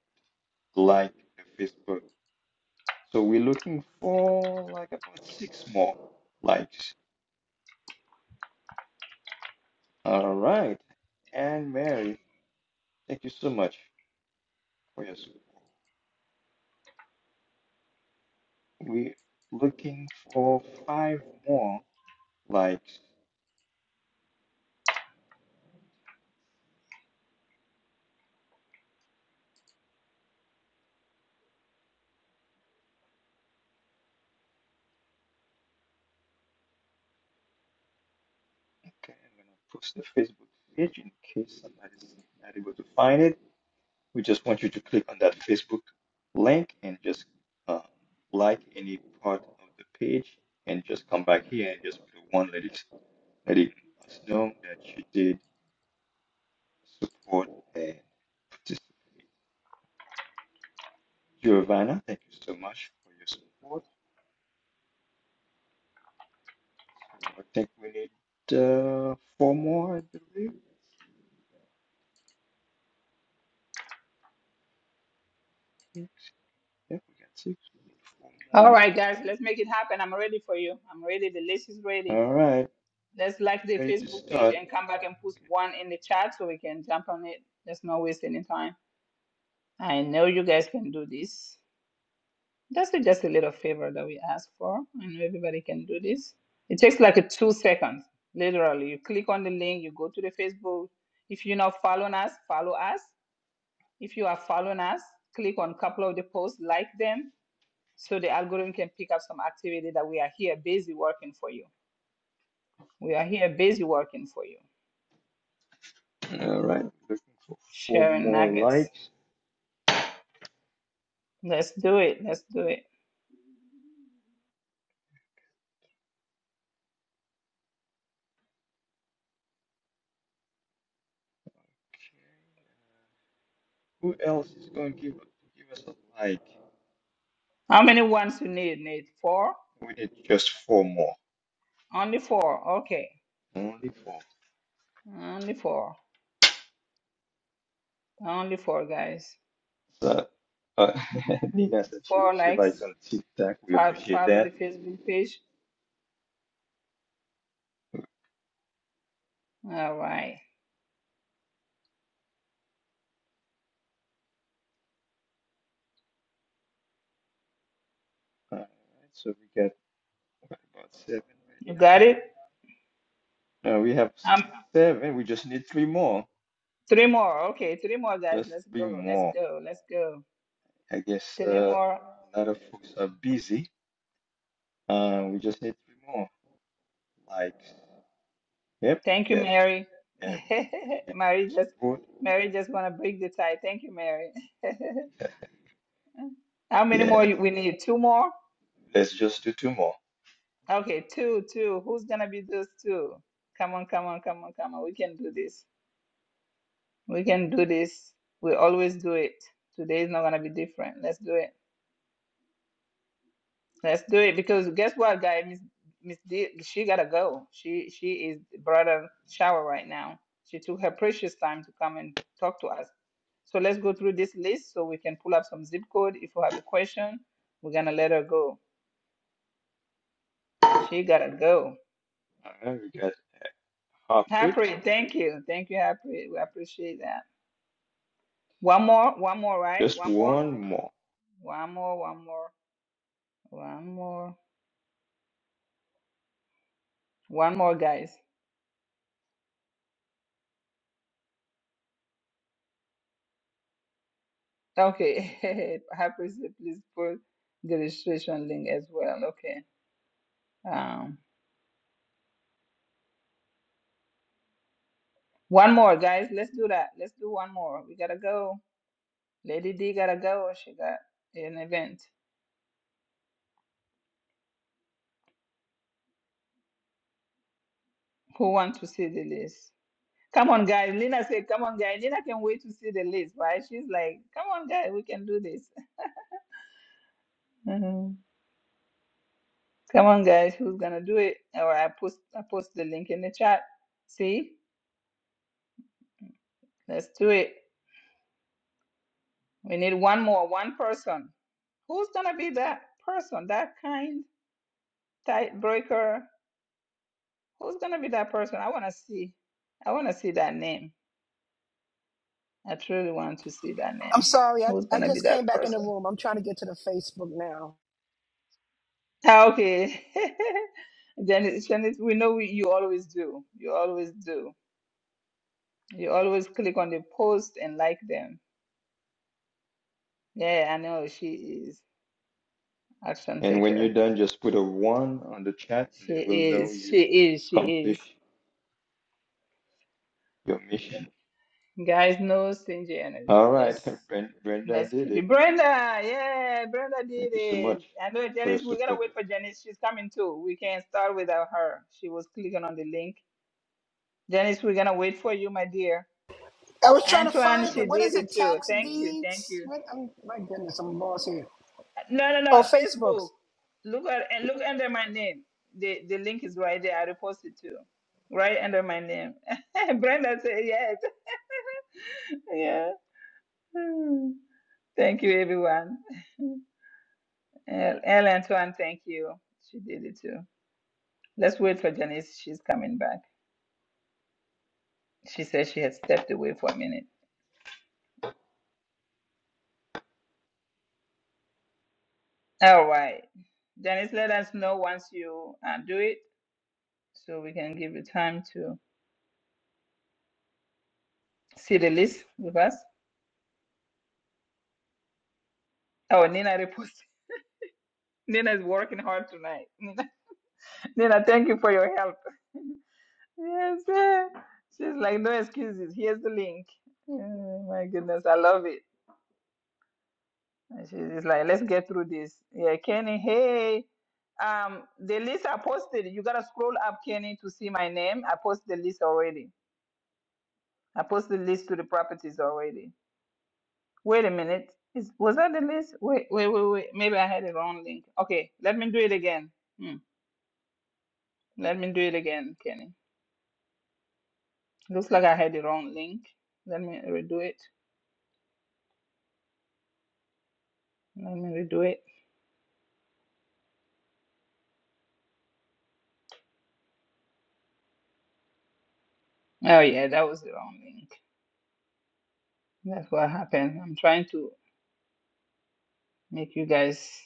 G: liked the Facebook. So we're looking for like about six more likes. All right. And Mary, thank you so much for your support. We're looking for five more likes. Okay, I'm gonna post the Facebook page in case somebody's not able to find it. We just want you to click on that Facebook link and just uh, like any part of the page and just come back here and just put one let it letting us know that you did support and participate. Giovanna, thank you so much for your support. So I think we need uh, four more, I believe. Six. Yeah, we got six. We need four
A: All
G: more.
A: right, guys, let's make it happen. I'm ready for you. I'm ready. The list is ready.
G: All right,
A: Let's like the
G: ready to
A: Facebook page
G: start.
A: and come back and put one in the chat so we can jump on it. Let's not waste any time. I know you guys can do this. That's a- just a little favor that we ask for. I know everybody can do this. It takes like a two seconds. Literally, you click on the link, you go to the Facebook. If you're not following us, follow us. If you are following us, click on a couple of the posts, like them, so the algorithm can pick up some activity that we are here busy working for you. We are here busy working for you,
G: All right, looking for four
A: sharing
G: more
A: nuggets.
G: likes.
A: Let's do it. Let's do it.
G: Okay. uh, Who else is going to give give us a like?
A: How many ones you need? Need four?
G: We need just four more.
A: Only four. Okay,
G: Only four.
A: only four. Only four guys.
G: So, uh, Nina said she,
A: Four
G: she
A: likes.
G: likes on TikTok. We
A: Fo-
G: appreciate
A: Follow the
G: that.
A: Facebook page. All right,
G: All right, so we got what, about seven
A: you
G: right
A: got it.
G: now. Uh, we have
A: Um,
G: seven. We just need three more.
A: three more. Okay, three more guys.
G: Just
A: Let's
G: three
A: go. Let's
G: more.
A: go. Let's go.
G: I guess
A: Three
G: uh,
A: more.
G: a lot of folks are busy. Uh, we just need three more. Like, yep, we
A: Thank you,
G: get
A: Mary.
G: every appreciate your
A: Mary just
G: support.
A: Mary just gonna break the tie. Thank you, Mary. How many more
G: Yes,
A: you- we need? Two more?
G: let's just do two more.
A: Okay, two, two. Who's gonna be those two? Come on, come on, come on, come on. We can do this. We can do this. We always do it. Today is not gonna be different. Let's do it. Let's do it because guess what, guy? Miss Miss D, she gotta go. She she is brought a shower right now. She took her precious time to come and talk to us. So let's go through this list so we can pull up some zip code. If you have a question, we're gonna let her go. She gotta go.
G: All right, we got heart rate.
A: Harpreet, thank you, thank you, Harpreet. We appreciate that. One more, one more, right?
G: Just
A: One more,
G: one more.
A: one more, one more, one more, one more, guys. Okay, Harpreet, please put the registration link as well. Okay. Um, one more, guys. Let's do that. Let's do one more. We gotta go. Lady D gotta go. She got an event. Who wants to see the list? Come on, guys. Lina said, "Come on, guys." Lina can wait to see the list, right? She's like, "Come on, guys. We can do this." Mhm. Come on, guys. Who's gonna do it? Or I post, I post the link in the chat. See? Let's do it. We need one more, one person. Who's gonna be that person, that kind tight breaker? Who's gonna be that person? I wanna see. I wanna see that name. I truly want to see that
J: I'm
A: name.
J: sorry, I,
A: Who's
J: I
A: gonna be
J: just came
A: that
J: back in the
A: person?
J: room. I'm trying to get to the Facebook now.
A: Ah, Okay, Janice, Janice, we know we, you always do. You always do. You always click on the post and like them. Yeah, I know she is action
G: And when
A: taker.
G: you're done, just put a one on the chat, and
A: She
G: then we'll know
A: is. She
G: you
A: is. She is.
G: accomplished your mission.
A: Guys, no stingy energy.
G: All right, Bren- Brenda
A: That's
G: did
A: creepy.
G: it.
A: Brenda, yeah, Brenda
G: Thank
A: did
G: you so
A: it.
G: much
A: I know
G: for your
A: Janice, we gotta
G: support,
A: wait for
G: Brenda.
A: Janice. She's coming too. We can't start without her. She was clicking on the link. Janice, we're gonna wait for you, my dear.
J: I was trying to
A: Antoine,
J: find
A: she
J: it. What
A: did
J: is
A: it
J: it?
A: too.
J: Tax
A: Thank you, thank
J: deeds?
A: you.
J: What? I'm, my goodness, I'm lost here.
A: No, no, no.
J: Oh, Facebook.
A: Facebook. Look at and look under my name. The the link is right there. I reposted too. Right under my name. Brenda said yes. yeah. Hmm. Thank you, everyone. El, El Antoine, thank you. She did it too. Let's wait for Janice. She's coming back. She says she has stepped away for a minute. All right. Janice, let us know once you uh, do it so we can give you time to see the list with us. Oh, Nina reposted. Nina is working hard tonight. Nina, Nina, thank you for your help. Yes. eh. She's like, no excuses. Here's the link. Oh, my goodness. I love it. And She's like, let's get through this. Yeah, Kenny, hey. Um, the list I posted, you gotta scroll up, Kenny, to see my name. I posted the list already. I posted the list to the properties already. Wait a minute. Is, was that the list? Wait, wait, wait, wait. Maybe I had the wrong link. Okay, let me do it again. Hmm. Let me do it again, Kenny. Looks like I had the wrong link. Let me redo it. Let me redo it. Oh yeah, that was the wrong link. That's what happened. I'm trying to make you guys.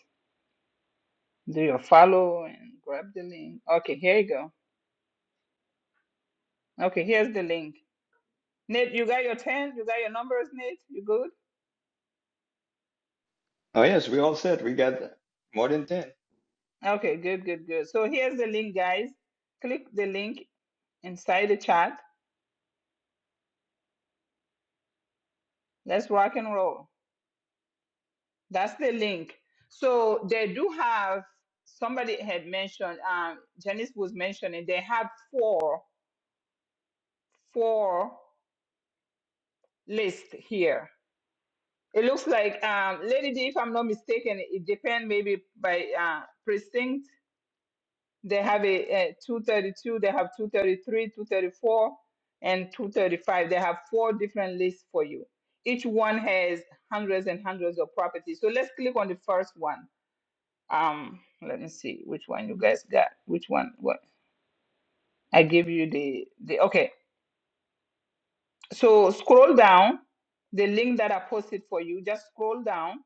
A: Do your follow and grab the link? Okay, here you go. Okay, here's the link. Nate, you got your 10? You got your numbers, Nate? You good?
G: Oh yes, we all said we got more than 10.
A: Okay, good, good, good. So here's the link, guys. Click the link inside the chat. Let's rock and roll. That's the link. So they do have, somebody had mentioned, um, Janice was mentioning, they have four, four lists here. It looks like, um, Lady D, if I'm not mistaken, it depends maybe by uh, precinct They have a, a 232, they have 233, 234, and 235. They have four different lists for you. Each one has hundreds and hundreds of properties. So let's click on the first one. Um, let me see which one you guys got. Which one? What? I give you the the okay. So scroll down the link that I posted for you. Just scroll down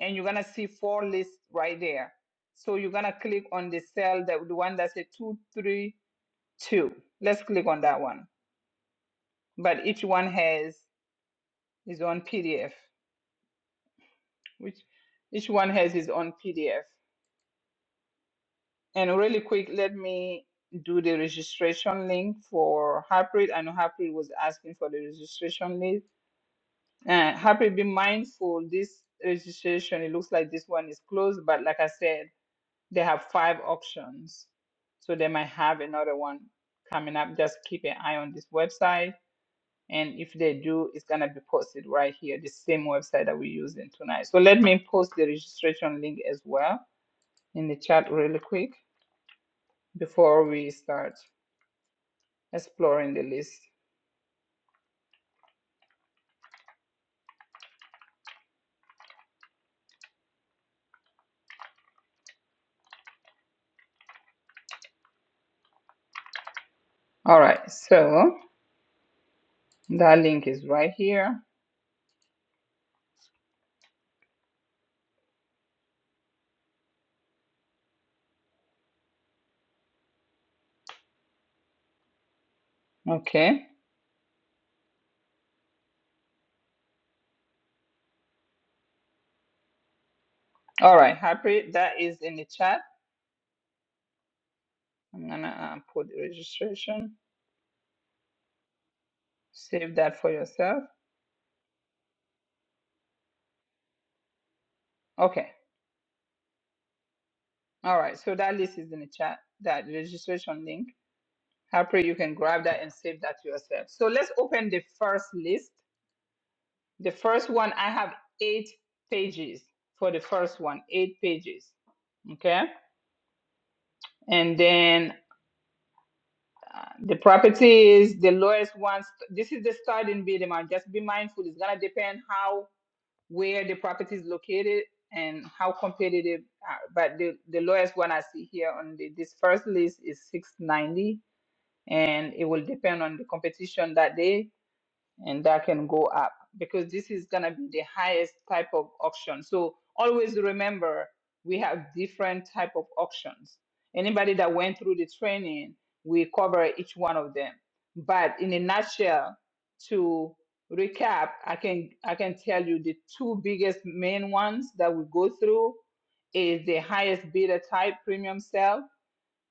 A: and you're gonna see four lists right there. So you're gonna click on the cell that the one that says two three. two. Let's click on that one. But each one has its own PDF, which each one has its own PDF. And really quick, let me do the registration link for Harpreet. I know Harpreet was asking for the registration link. Uh, Harpreet, be mindful, this registration, it looks like this one is closed, but like I said, they have five options. So they might have another one coming up. Just keep an eye on this website And if they do, it's going to be posted right here, the same website that we're using tonight. So let me post the registration link as well in the chat really quick before we start exploring the list. All right, so that link is right here. Okay. All right, happy. That is in the chat. I'm going to uh, put the registration, save that for yourself. Okay. All right, so that list is in the chat, that registration link. Harper, you can grab that and save that yourself. So let's open the first list. The first one, I have eight pages for the first one, eight pages. Okay. And then the property is the lowest one. This is the starting bid amount. Just be mindful. It's going to depend how, where the property is located and how competitive. uh, But the, the lowest one I see here on the, this first list is 690 and it will depend on the competition that day and that can go up because this is going to be the highest type of auction so always remember we have different type of auctions anybody that went through the training we cover each one of them but in a nutshell to recap i can i can tell you the two biggest main ones that we go through is the highest bidder type premium sale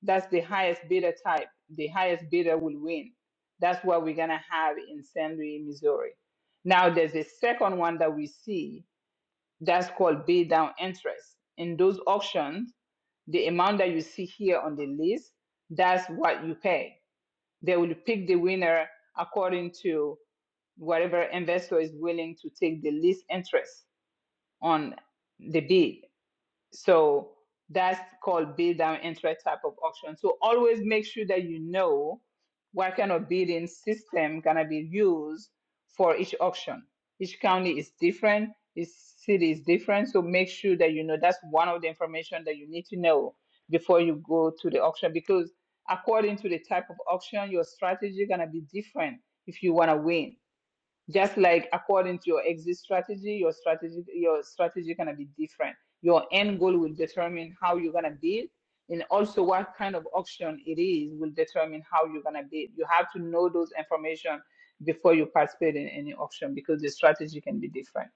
A: that's the highest bidder type. The highest bidder will win. That's what we're gonna have in St. Louis, Missouri. Now there's a second one that we see that's called bid down interest. In those auctions, the amount that you see here on the list, that's what you pay. They will pick the winner according to whatever investor is willing to take the least interest on the bid. So that's called bid down entry type of auction. So always make sure that you know what kind of bidding system gonna be used for each auction. Each county is different, each city is different. So make sure that you know that's one of the information that you need to know before you go to the auction because according to the type of auction, your strategy gonna be different if you wanna win just like according to your exit strategy your strategy your strategy is gonna be different your end goal will determine how you're gonna bid and also what kind of auction it is will determine how you're gonna bid you have to know those information before you participate in any auction because the strategy can be different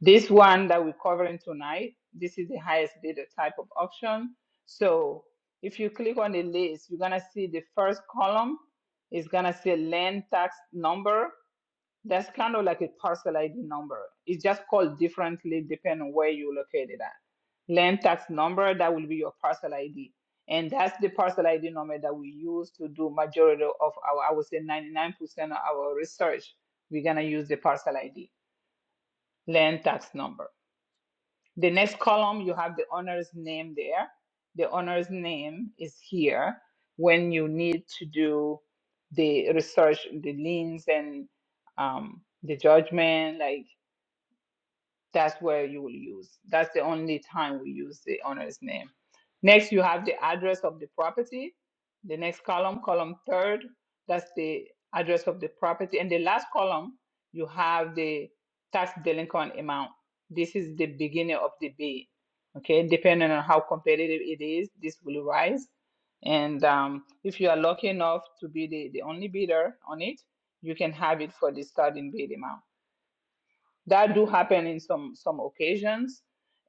A: this one that we're covering tonight this is the highest bidder type of auction so if you click on the list you're gonna see the first column is gonna say land tax number that's kind of like a parcel ID number. It's just called differently depending on where you located at. Land tax number, that will be your parcel ID. And that's the parcel ID number that we use to do majority of our, I would say 99% of our research. We're gonna use the parcel ID, land tax number. The next column, you have the owner's name there. The owner's name is here when you need to do the research, the liens and um, the judgment, like that's where you will use. That's the only time we use the owner's name. Next, you have the address of the property. The next column, column third, that's the address of the property. And the last column, you have the tax delinquent amount. This is the beginning of the bid. Okay, depending on how competitive it is, this will rise. And um, if you are lucky enough to be the, the only bidder on it, you can have it for the starting bid amount that do happen in some some occasions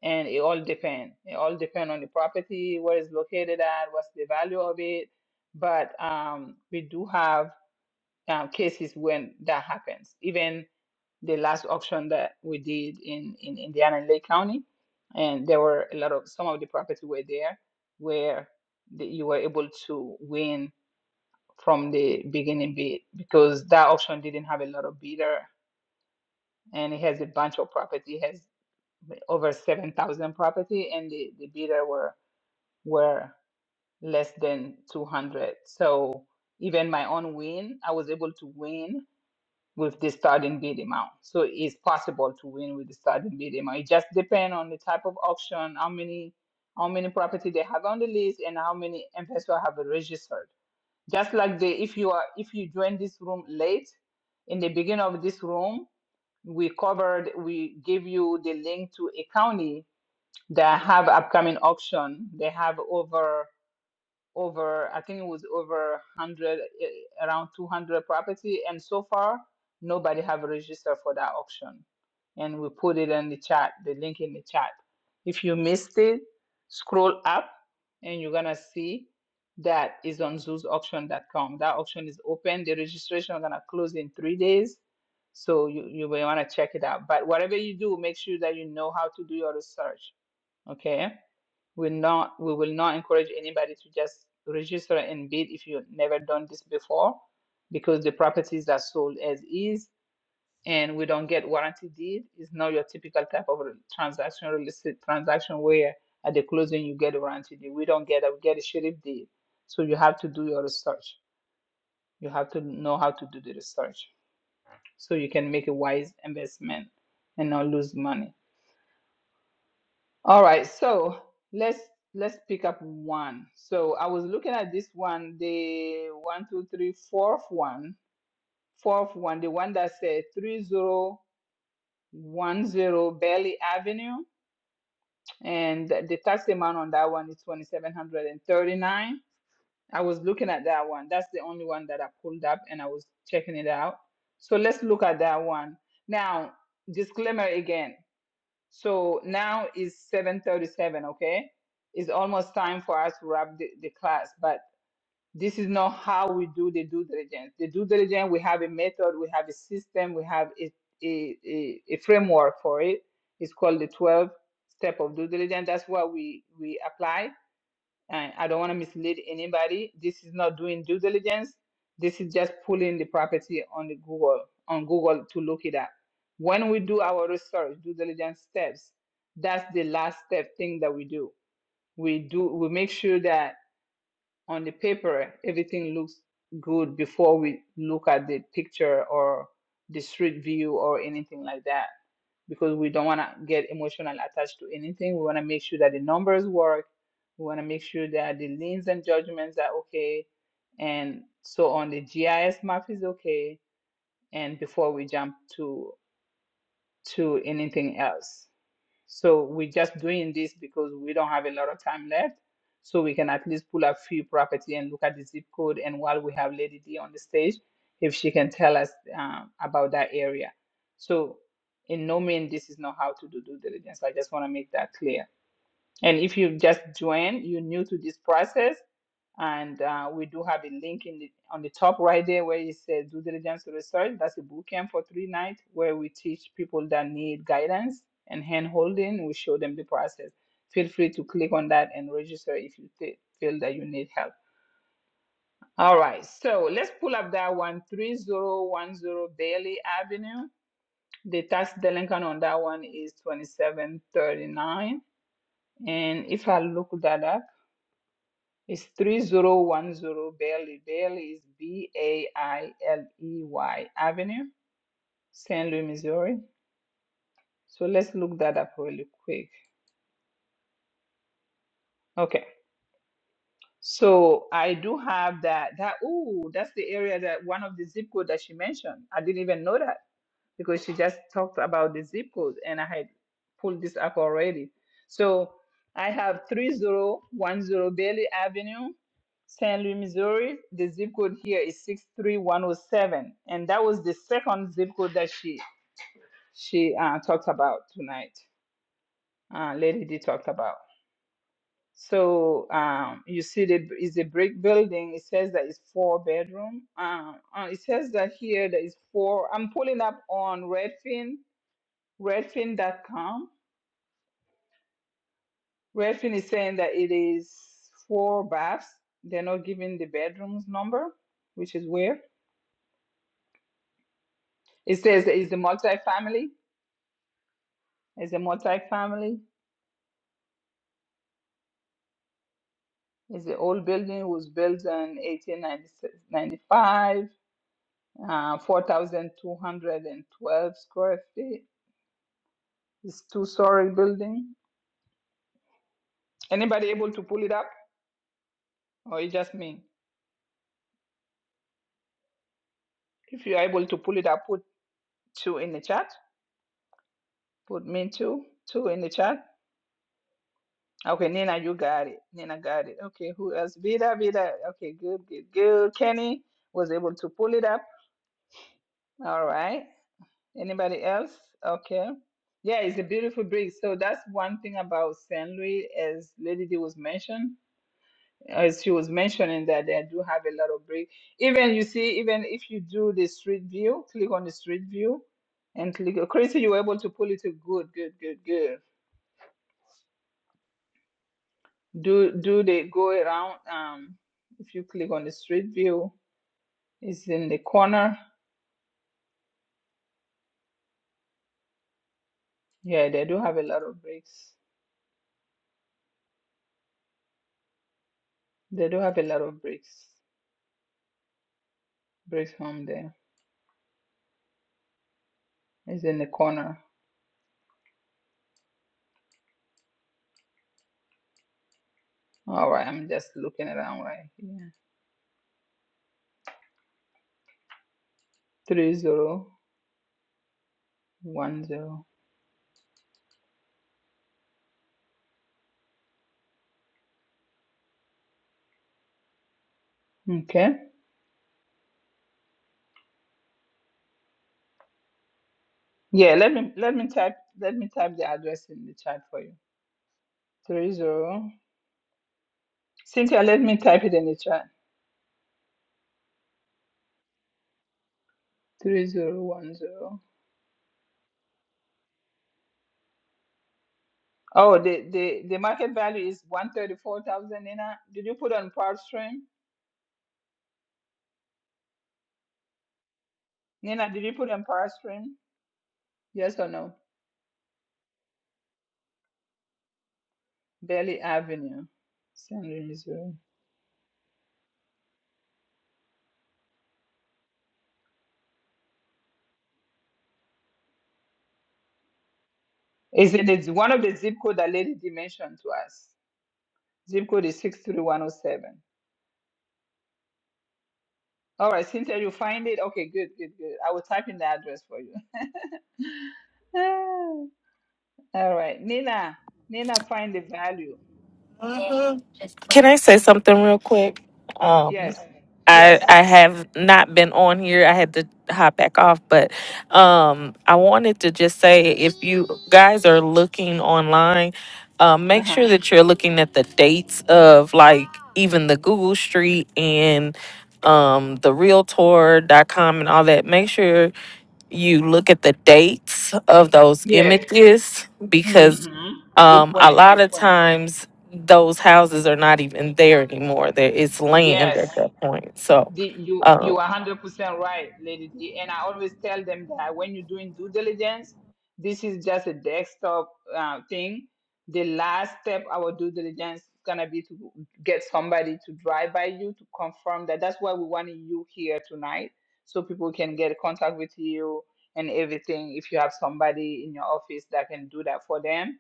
A: and it all depend it all depend on the property where it's located at what's the value of it but um we do have um, cases when that happens even the last auction that we did in in indiana in lake county and there were a lot of some of the property were there where the, you were able to win from the beginning bid because that auction didn't have a lot of bidder and it has a bunch of property it has over 7,000 property and the, the bidder were were less than 200. So even my own win, I was able to win with the starting bid amount. So it's possible to win with the starting bid amount. It just depends on the type of auction, how many how many property they have on the list and how many investors have registered. Just like the if you are if you join this room late in the beginning of this room, we covered we give you the link to a county they have upcoming auction. They have over over I think it was over 100 eh, around 200 property and so far nobody have registered for that auction. And we put it in the chat, the link in the chat. If you missed it, scroll up and you're going to see that is on zoosauction.com. That auction is open. The registration is going to close in 3 days. So you you may want to check it out. But whatever you do, make sure that you know how to do your research, okay? We're not, we will not encourage anybody to just register and bid if you've never done this before, because the properties are sold as is, and we don't get warranty deed. It's not your typical type of transaction, real estate transaction where at the closing you get a warranty deed. We don't get that. We get a sheriff deed. So you have to do your research. You have to know how to do the research so you can make a wise investment and not lose money. All right, so let's let's pick up one. So I was looking at this one, the one, two, three, fourth one, fourth one, the one that said three zero one zero Bailey Avenue, and the the tax amount on that one is twenty seven hundred and thirty nine. I was looking at that one. That's the only one that I pulled up, and I was checking it out. So let's look at that one now. Disclaimer again. So now is 7:37, okay? It's almost time for us to wrap the, the class, but this is not how we do the due diligence. The due diligence, we have a method, we have a system, we have a, a, a, a framework for it. It's called the 12 step of due diligence. That's what we, we apply and I don't want to mislead anybody. This is not doing due diligence. This is just pulling the property on the Google on Google to look it up. When we do our research, due diligence steps, that's the last step thing that we do. We do we make sure that on the paper everything looks good before we look at the picture or the street view or anything like that because we don't want to get emotional attached to anything. We want to make sure that the numbers work. We want to make sure that the liens and judgments are okay. And so on, the GIS map is okay. And before we jump to to anything else. So we're just doing this because we don't have a lot of time left. So we can at least pull a few property and look at the zip code. And while we have Lady D on the stage, if she can tell us um, about that area. So in no mean this is not how to do due diligence. I just want to make that clear. And if you just join, you're new to this process, and uh, we do have a link in the, on the top right there where it says due diligence research. That's a boot camp for three nights where we teach people that need guidance and hand holding. We show them the process. Feel free to click on that and register if you thi- feel that you need help. All right, so let's pull up that one 3010 Bailey Avenue. The tax delinquent on that one is 2739. And if I look that up, It's 3010 Bailey. Bailey is B A I L E Y Avenue, St. Louis, Missouri. So let's look that up really quick. Okay. So I do have that. That ooh, that's the area that one of the zip code that she mentioned. I didn't even know that. because she just talked about the zip code and I had pulled this up already. So I have 3010 Bailey Avenue, St. Louis, Missouri. The zip code here is 63107. And that was the second zip code that she she uh, talked about tonight. Uh, Lady D talked about. So um, you see, the, is a brick building. It says that it's four bedroom. Uh, uh, it says that here that it's four. I'm pulling up on Redfin Redfin. dot com. Redfin is saying that it is four baths. They're not giving the bedrooms number, which is weird. It says it's a multi family. It's a multi family. It's an old building. It was built in 1895. Uh, 4,212 square feet. It's two-story building. Anybody able to pull it up, or it's just me? If you're able to pull it up, put two in the chat. Put me two, two in the chat. Okay, Nina, you got it. Nina got it. Okay, who else? Vida, Vida. Okay, good, good, good. Kenny was able to pull it up. All right. Anybody else? Okay. Yeah, it's a beautiful breeze. So that's one thing about Saint Louis, as Lady D was mentioned, as she was mentioning that they do have a lot of breeze. Even you see, even if you do the street view, click on the street view, and click. Chrissy, you were able to pull it. to Good, good, good, good. Do do they go around? Um, if you click on the street view, it's in the corner. Yeah, they do have a lot of bricks. They do have a lot of bricks. Bricks home there. It's in the corner. All right, I'm just looking around right here. Three zero one zero. Okay. Yeah, let me let me type let me type the address in the chat for you. Three zero. Cynthia, let me type it in the chat. Three zero one zero. Oh, the, the, the market value is 134,000, Nina. Did you put on Power Stream? Nina, did you put on Power Stream? Yes or no? Bailey Avenue, San Luis, Missouri. Is it it's one of the zip code that Lady Di mentioned to us? Zip code is 63107. All right, Cynthia, you find it? Okay, good, good, good. I will type in the address for you. All right, Nina, Nina, find the value.
L: Can I say something real quick? Um.
A: Yes,
L: I
A: yes,
L: I have not been on here. I had to hop back off, but um, I wanted to just say if you guys are looking online, um, make
A: uh-huh,
L: sure that you're looking at the dates of like even the Google Street and um, the Realtor.com and all that. Make sure you look at the dates of those
A: yeah.
L: images because
A: Mm-hmm. Good
L: um, a
A: point,
L: lot
A: good
L: of
A: point.
L: times those houses are not even there anymore. There it's land
A: Yes,
L: at that point. So,
A: the, you you
L: um,
A: are hundred percent right, Lady D. And I always tell them that when you're doing due diligence, this is just a desktop uh, thing. The last step our due diligence is gonna be to get somebody to drive by you to confirm that. That's why we wanted you here tonight, so people can get contact with you and everything. If you have somebody in your office that can do that for them,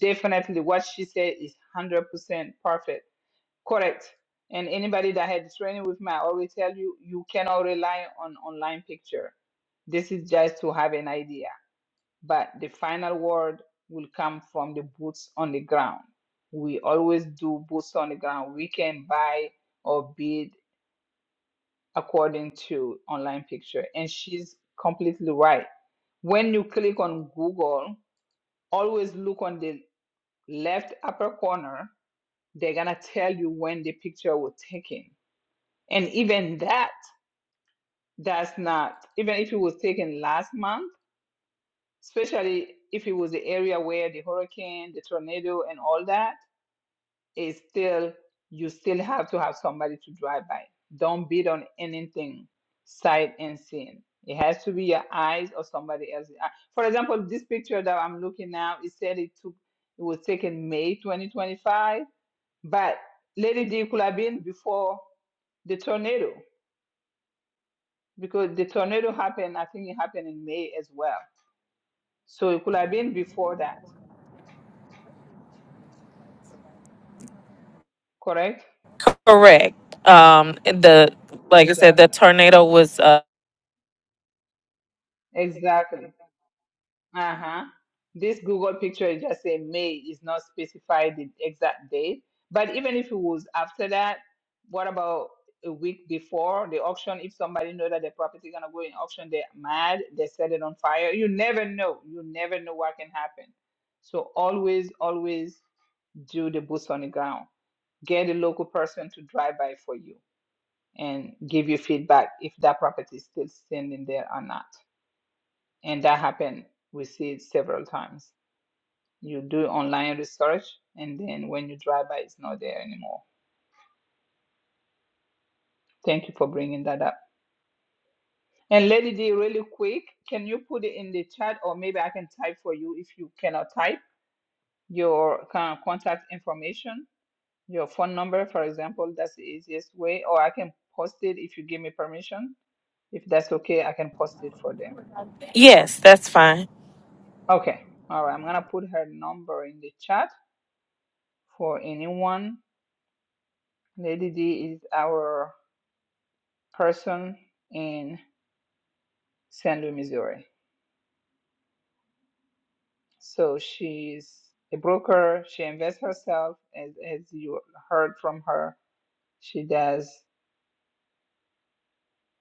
A: definitely what she said is hundred percent perfect Correct. And anybody that had training with me, I always tell you, you cannot rely on online picture. This is just to have an idea. But the final word will come from the boots on the ground. We always do boots on the ground. We can buy or bid according to online picture. And she's completely right. When you click on Google, always look on the left upper corner. They're gonna tell you when the picture was taken And even that does not, even if it was taken last month, especially if it was the area where the hurricane, the tornado, and all that is still, you still have to have somebody to drive by. Don't bid on anything sight and seen. It has to be your eyes or somebody else's eye. For example, this picture that I'm looking now, it said it took, it was taken May 2025, but Lady D could have been before the tornado. because the tornado happened, I think it happened in May as well. So it could have been before that, correct?
L: correct. Um, the like I said, the
A: Exactly.
L: tornado was. Uh,
A: Exactly. Uh huh. This Google picture is just say May is not specified the exact date. But even if it was after that, what about a week before the auction? If somebody know that the property gonna go in auction, they're mad, they set it on fire. You never know. You never know what can happen. So always, always do the boots on the ground get a local person to drive by for you and give you feedback if that property is still standing there or not. And that happened. We see it several times. You do online research, and then when you drive by, it's not there anymore. Thank you for bringing that up. And Lady D, really quick, can you put it in the chat, or maybe I can type for you if you cannot type your con- contact information, your phone number, for example. That's the easiest way. Or I can post it if you give me permission If that's okay, I can post it for them.
L: yes, that's fine.
A: Okay. All right. I'm gonna put her number in the chat for anyone. Lady D is our person in St. Louis, Missouri. So she's a broker. She invests herself, as as you heard from her. She does.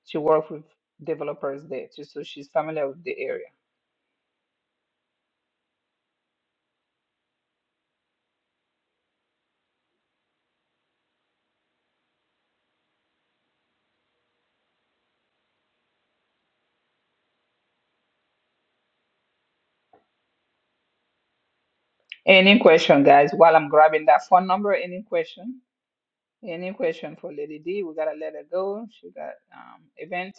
A: She works with developers there too, so she's familiar with the area. Any question, guys? While I'm grabbing that phone number, any question? Any question for Lady D? We gotta let her go. She got um event.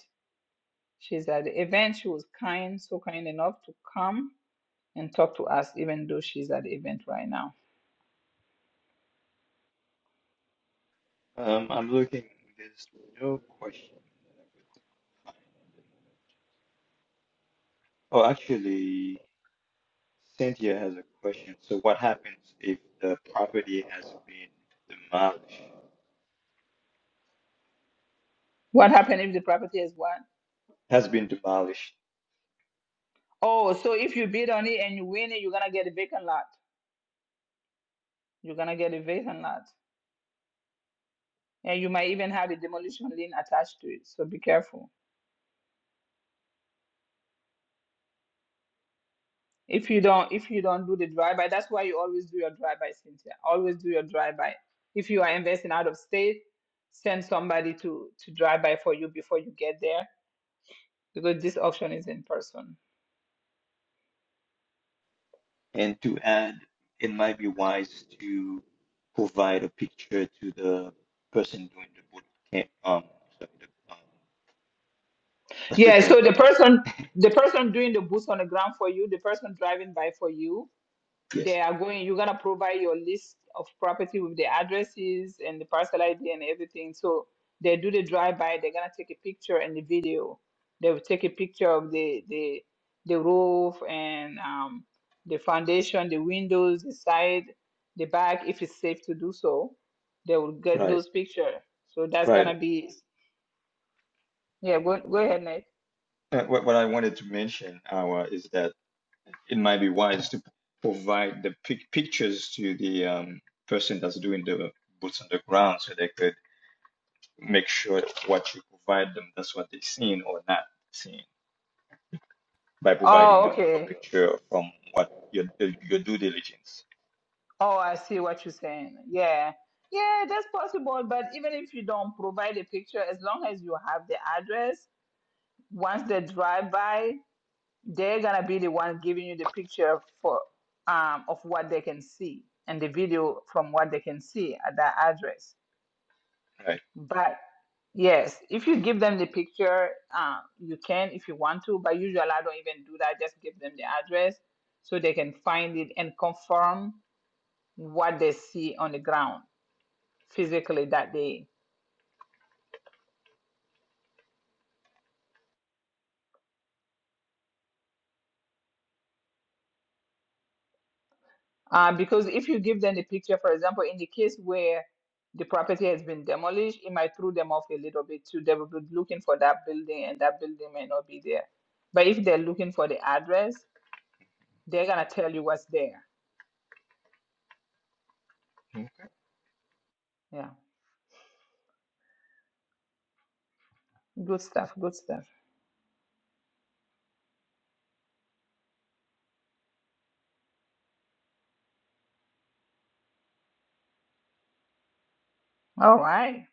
A: She's at the event. She was kind, so kind enough to come and talk to us, even though she's at the event right now.
G: Um, I'm looking. There's no question that I could find at the moment. Oh, actually, Cynthia has a question. So, what happens if the property has been demolished?
A: What happened if the property is what?
G: Has been demolished.
A: Oh, so if you bid on it and you win it, you're gonna get a vacant lot. You're gonna get a vacant lot, and you might even have a demolition lien attached to it. So be careful. If you don't, if you don't do the drive-by, that's why you always do your drive-by, Cynthia. Always do your drive-by. If you are investing out of state, send somebody to to drive by for you before you get there because this auction is in person.
G: And to add, it might be wise to provide a picture to the person doing the boot camp. Um, sorry, the, um, what's the
A: Yeah,
G: term?
A: so the person, the person doing the boots on the ground for you, the person driving by for you,
G: Yes.
A: They are going, you're gonna provide your list of property with the addresses and the parcel ID and everything. So they do the drive-by, they're gonna take a picture and the video. They will take a picture of the the the roof and um, the foundation, the windows, the side, the back, if it's safe to do so. They will get
G: Right.
A: those pictures. So that's
G: Right.
A: gonna be, yeah, go, go ahead, Nate.
G: Uh, what what I wanted to mention, Awa, is that. it might be wise to provide the pic- pictures to the um, person that's doing the boots on the ground so they could make sure that what you provide them that's what they're seeing or not seeing by providing
A: Oh,
G: a, a
A: okay.
G: picture from what your your due diligence
A: Oh, I see what you're saying. Yeah. Yeah, that's possible. But even if you don't provide a picture, as long as you have the address, once they drive by, they're gonna be the one giving you the picture for um of what they can see and the video from what they can see at that address.
G: right
A: But yes, if you give them the picture, um, you can if you want to, but usually I don't even do that, just give them the address so they can find it and confirm what they see on the ground physically that day. Um, because if you give them the picture, for example, in the case where the property has been demolished, it might throw them off a little bit too. They will be looking for that building, and that building may not be there. But if they're looking for the address, they're gonna tell you what's there.
G: okay.
A: Yeah, good stuff. Good stuff. All right.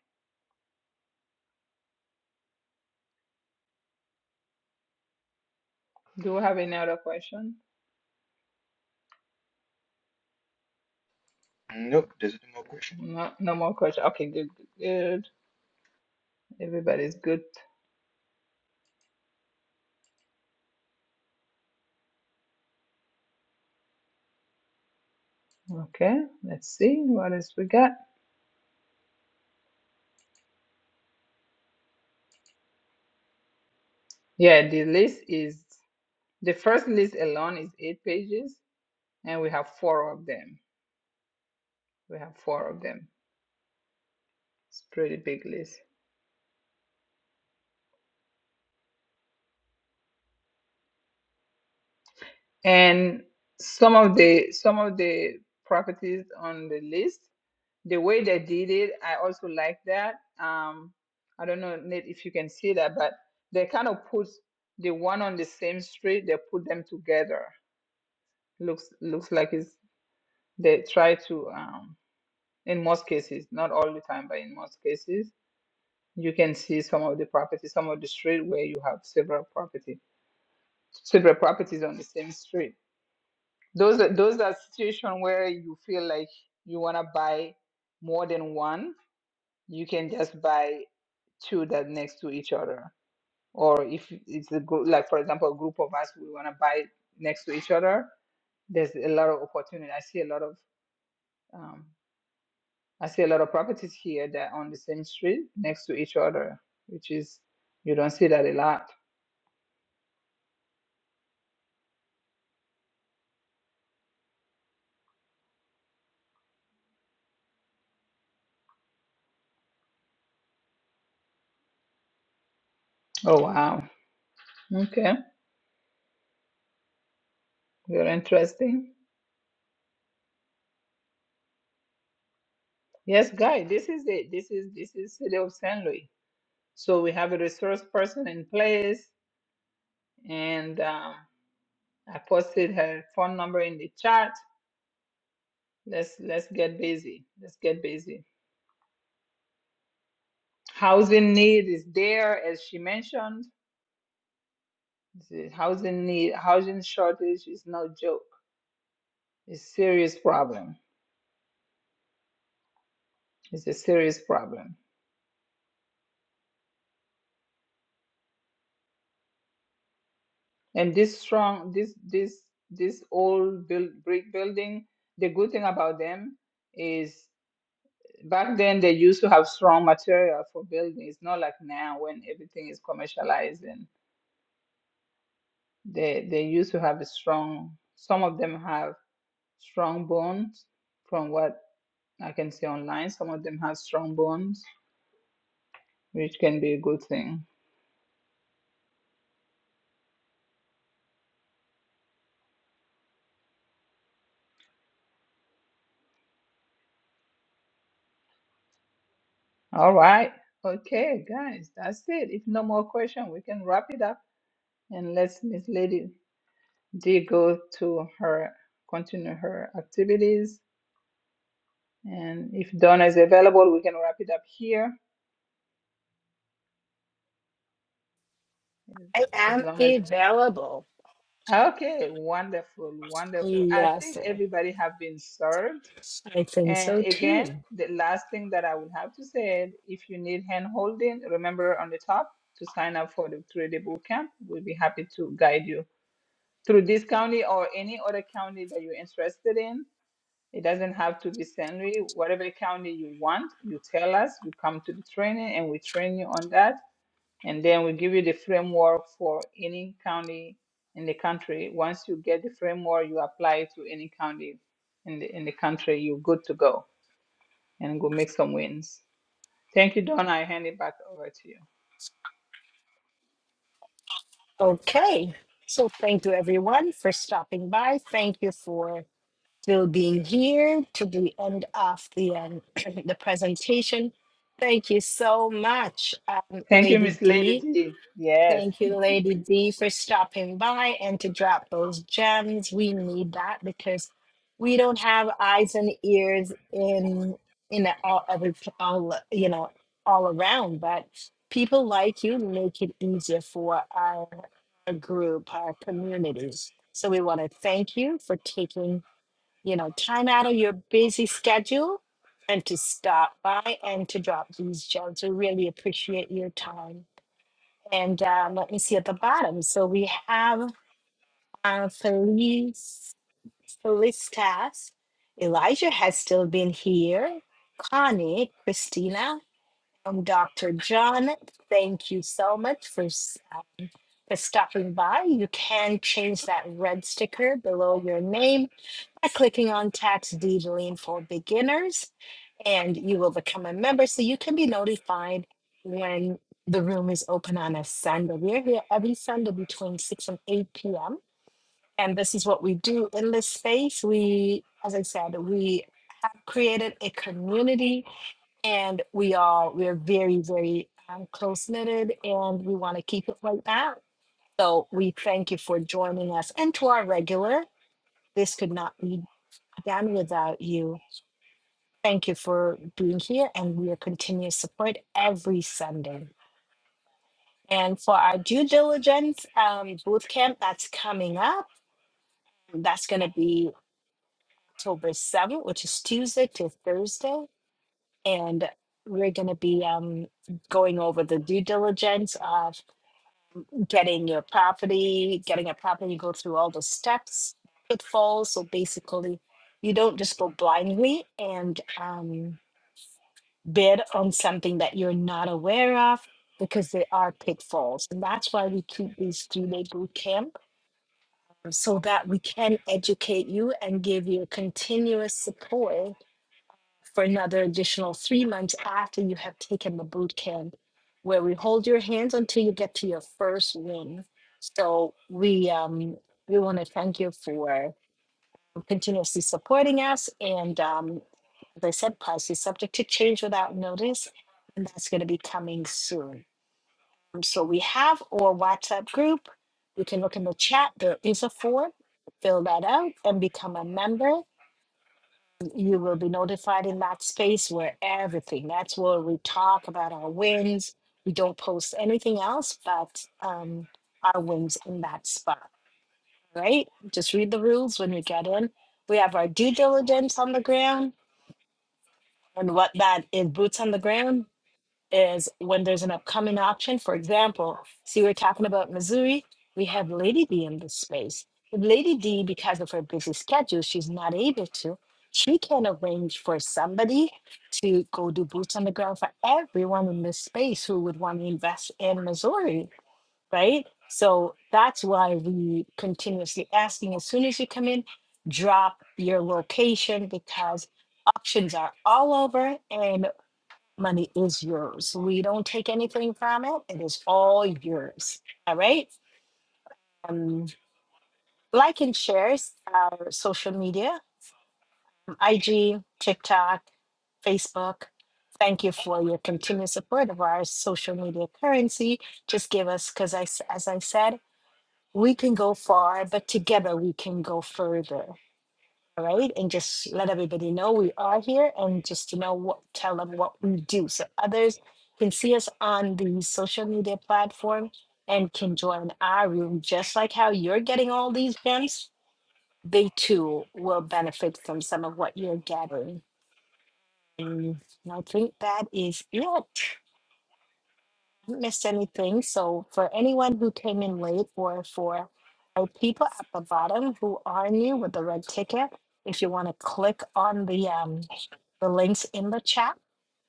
A: Do we have any other question?
G: nope there's no more question
A: No, no more question. Okay, good, good, good. Everybody's good. Okay, let's see what else we got. Yeah, the list is. The first list alone is eight pages, and we have four of them. We have four of them. It's a pretty big list. And some of the some of the properties on the list, the way they did it, I also like that. Um, I don't know, Nate, if you can see that, but they kind of put the one on the same street. They put them together. Looks looks like it's they try to um, in most cases, not all the time, but in most cases You can see some of the properties, some of the street where you have several property, several properties on the same street. Those are those are situations where you feel like you wanna buy more than one. You can just buy two that next to each other. Or if it's a group, like for example, a group of us, we wanna buy next to each other. There's a lot of opportunity. I see a lot of um, I see a lot of properties here that are on the same street next to each other, which is you don't see that a lot. Oh wow. Okay, very interesting. Yes, Guy, this is it. This is this is city of San Luis. So we have a resource person in place, and um, I posted her phone number in the chat. Let's let's get busy. Let's get busy. Housing need is there, as she mentioned. The housing need, housing shortage is no joke. It's a serious problem. It's a serious problem. And this strong, this this this old build, brick building, the good thing about them is back then they used to have strong material for building. It's not like now when everything is commercialized and they they used to have a strong. Some of them have strong bones, from what I can see online. Some of them have strong bones, which can be a good thing. All right. Okay, guys, that's it. If no more question, we can wrap it up and let's Miss Lady. did go to her, continue her activities. And if Donna is available, we can wrap it up here.
B: I
A: As
B: am
A: long as,
B: available.
A: okay, wonderful, wonderful. I
B: Yes,
A: think
B: sir.
A: everybody have been served.
B: I think
A: And
B: so too.
A: again, the last thing that I would have to say, is if you need hand holding, remember on the top to sign up for the three-day boot camp. We'll be happy to guide you through this county or any other county that you're interested in It doesn't have to be St. Louis. Whatever county you want, you tell us, you come to the training and we train you on that. And then we give you the framework for any county in the country. Once you get the framework, you apply it to any county in the in the country, you're good to go and go make some wins. Thank you, Donna. I hand it back over to you.
B: Okay. So thank you everyone for stopping by. Thank you for still being here to the end of the um, the presentation. Thank you so much, um,
A: Thank you,
B: Lady
A: Miss Lady
B: D.
A: D. Yes.
B: Thank you, Lady D, for stopping by and to drop those gems. We need that because we don't have eyes and ears in in all every all you know all around, but people like you make it easier for our, our group, our communities. So we want to thank you for taking you know, time out of your busy schedule and to stop by and to drop these gems. We really appreciate your time. And um, let me see at the bottom. So we have uh, Felice, Felicitas. Elijah has still been here. Connie, Christina, um, Dr. John, thank you so much for, s- uh, for stopping by. You can change that red sticker below your name by clicking on Tax Deedling for Beginners, and you will become a member so you can be notified when the room is open on a Sunday. We're here every Sunday between 6 and 8 p.m. And this is what we do in this space. We, as I said, we have created a community and we are we're very, very um, close knitted and we want to keep it like that. So we thank you for joining us and to our regular. This could not be done without you. Thank you for being here and your continuous support every Sunday. And for our due diligence um, boot camp that's coming up, that's going to be October 7th, which is Tuesday to Thursday. And we're going to be um, going over the due diligence of getting your property, getting a property, you go through all the steps, pitfalls. So basically, you don't just go blindly and. Um, bid on something that you're not aware of because there are pitfalls. And that's why we keep these three day boot camp so that we can educate you and give you continuous support for another additional three months after you have taken the boot camp, where we hold your hands until you get to your first win. So we um we want to thank you for continuously supporting us. And um, as I said, policy is subject to change without notice, and that's going to be coming soon. Um, So we have our WhatsApp group. You can look in the chat. There is a form. Fill that out and become a member. You will be notified in that space where everything. That's where we talk about our wins. We don't post anything else but um, our wins in that spot right? Just read the rules when we get in. We have our due diligence on the ground, and what that is boots on the ground is when there's an upcoming option. For example, see, we're talking about Missouri. We have Lady D in this space. If Lady D, because of her busy schedule, she's not able to. She can arrange for somebody to go do boots on the ground for everyone in this space who would want to invest in Missouri right? So that's why we continuously asking as soon as you come in, drop your location because options are all over and money is yours. We don't take anything from it. It is all yours. All right. Um, like and shares our social media, IG, TikTok, Facebook. Thank you for your continued support of our social media currency. Just give us, because I, s- as I said, we can go far, but together we can go further. All right. And just let everybody know we are here and just, you know, what, tell them what we do. So others can see us on the social media platform and can join our room. Just like how you're getting all these gems, they too will benefit from some of what you're gathering. And I think that is it. missed anything. So for anyone who came in late or for our people at the bottom who are new with the red ticket, if you want to click on the um the links in the chat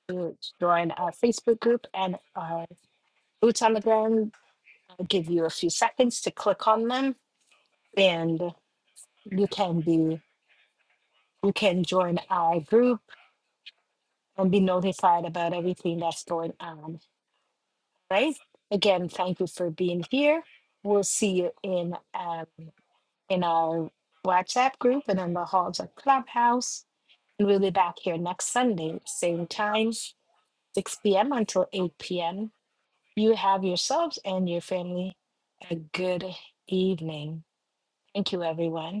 B: to join our Facebook group and our boots on the ground, I'll give you a few seconds to click on them and you can be you can join our group and be notified about everything that's going on. Right? Again, thank you for being here. We'll see you in um in our WhatsApp group and in the halls of Clubhouse. And we'll be back here next Sunday, same time, 6 p.m. until 8 p.m. You have yourselves and your family a good evening. Thank you, everyone.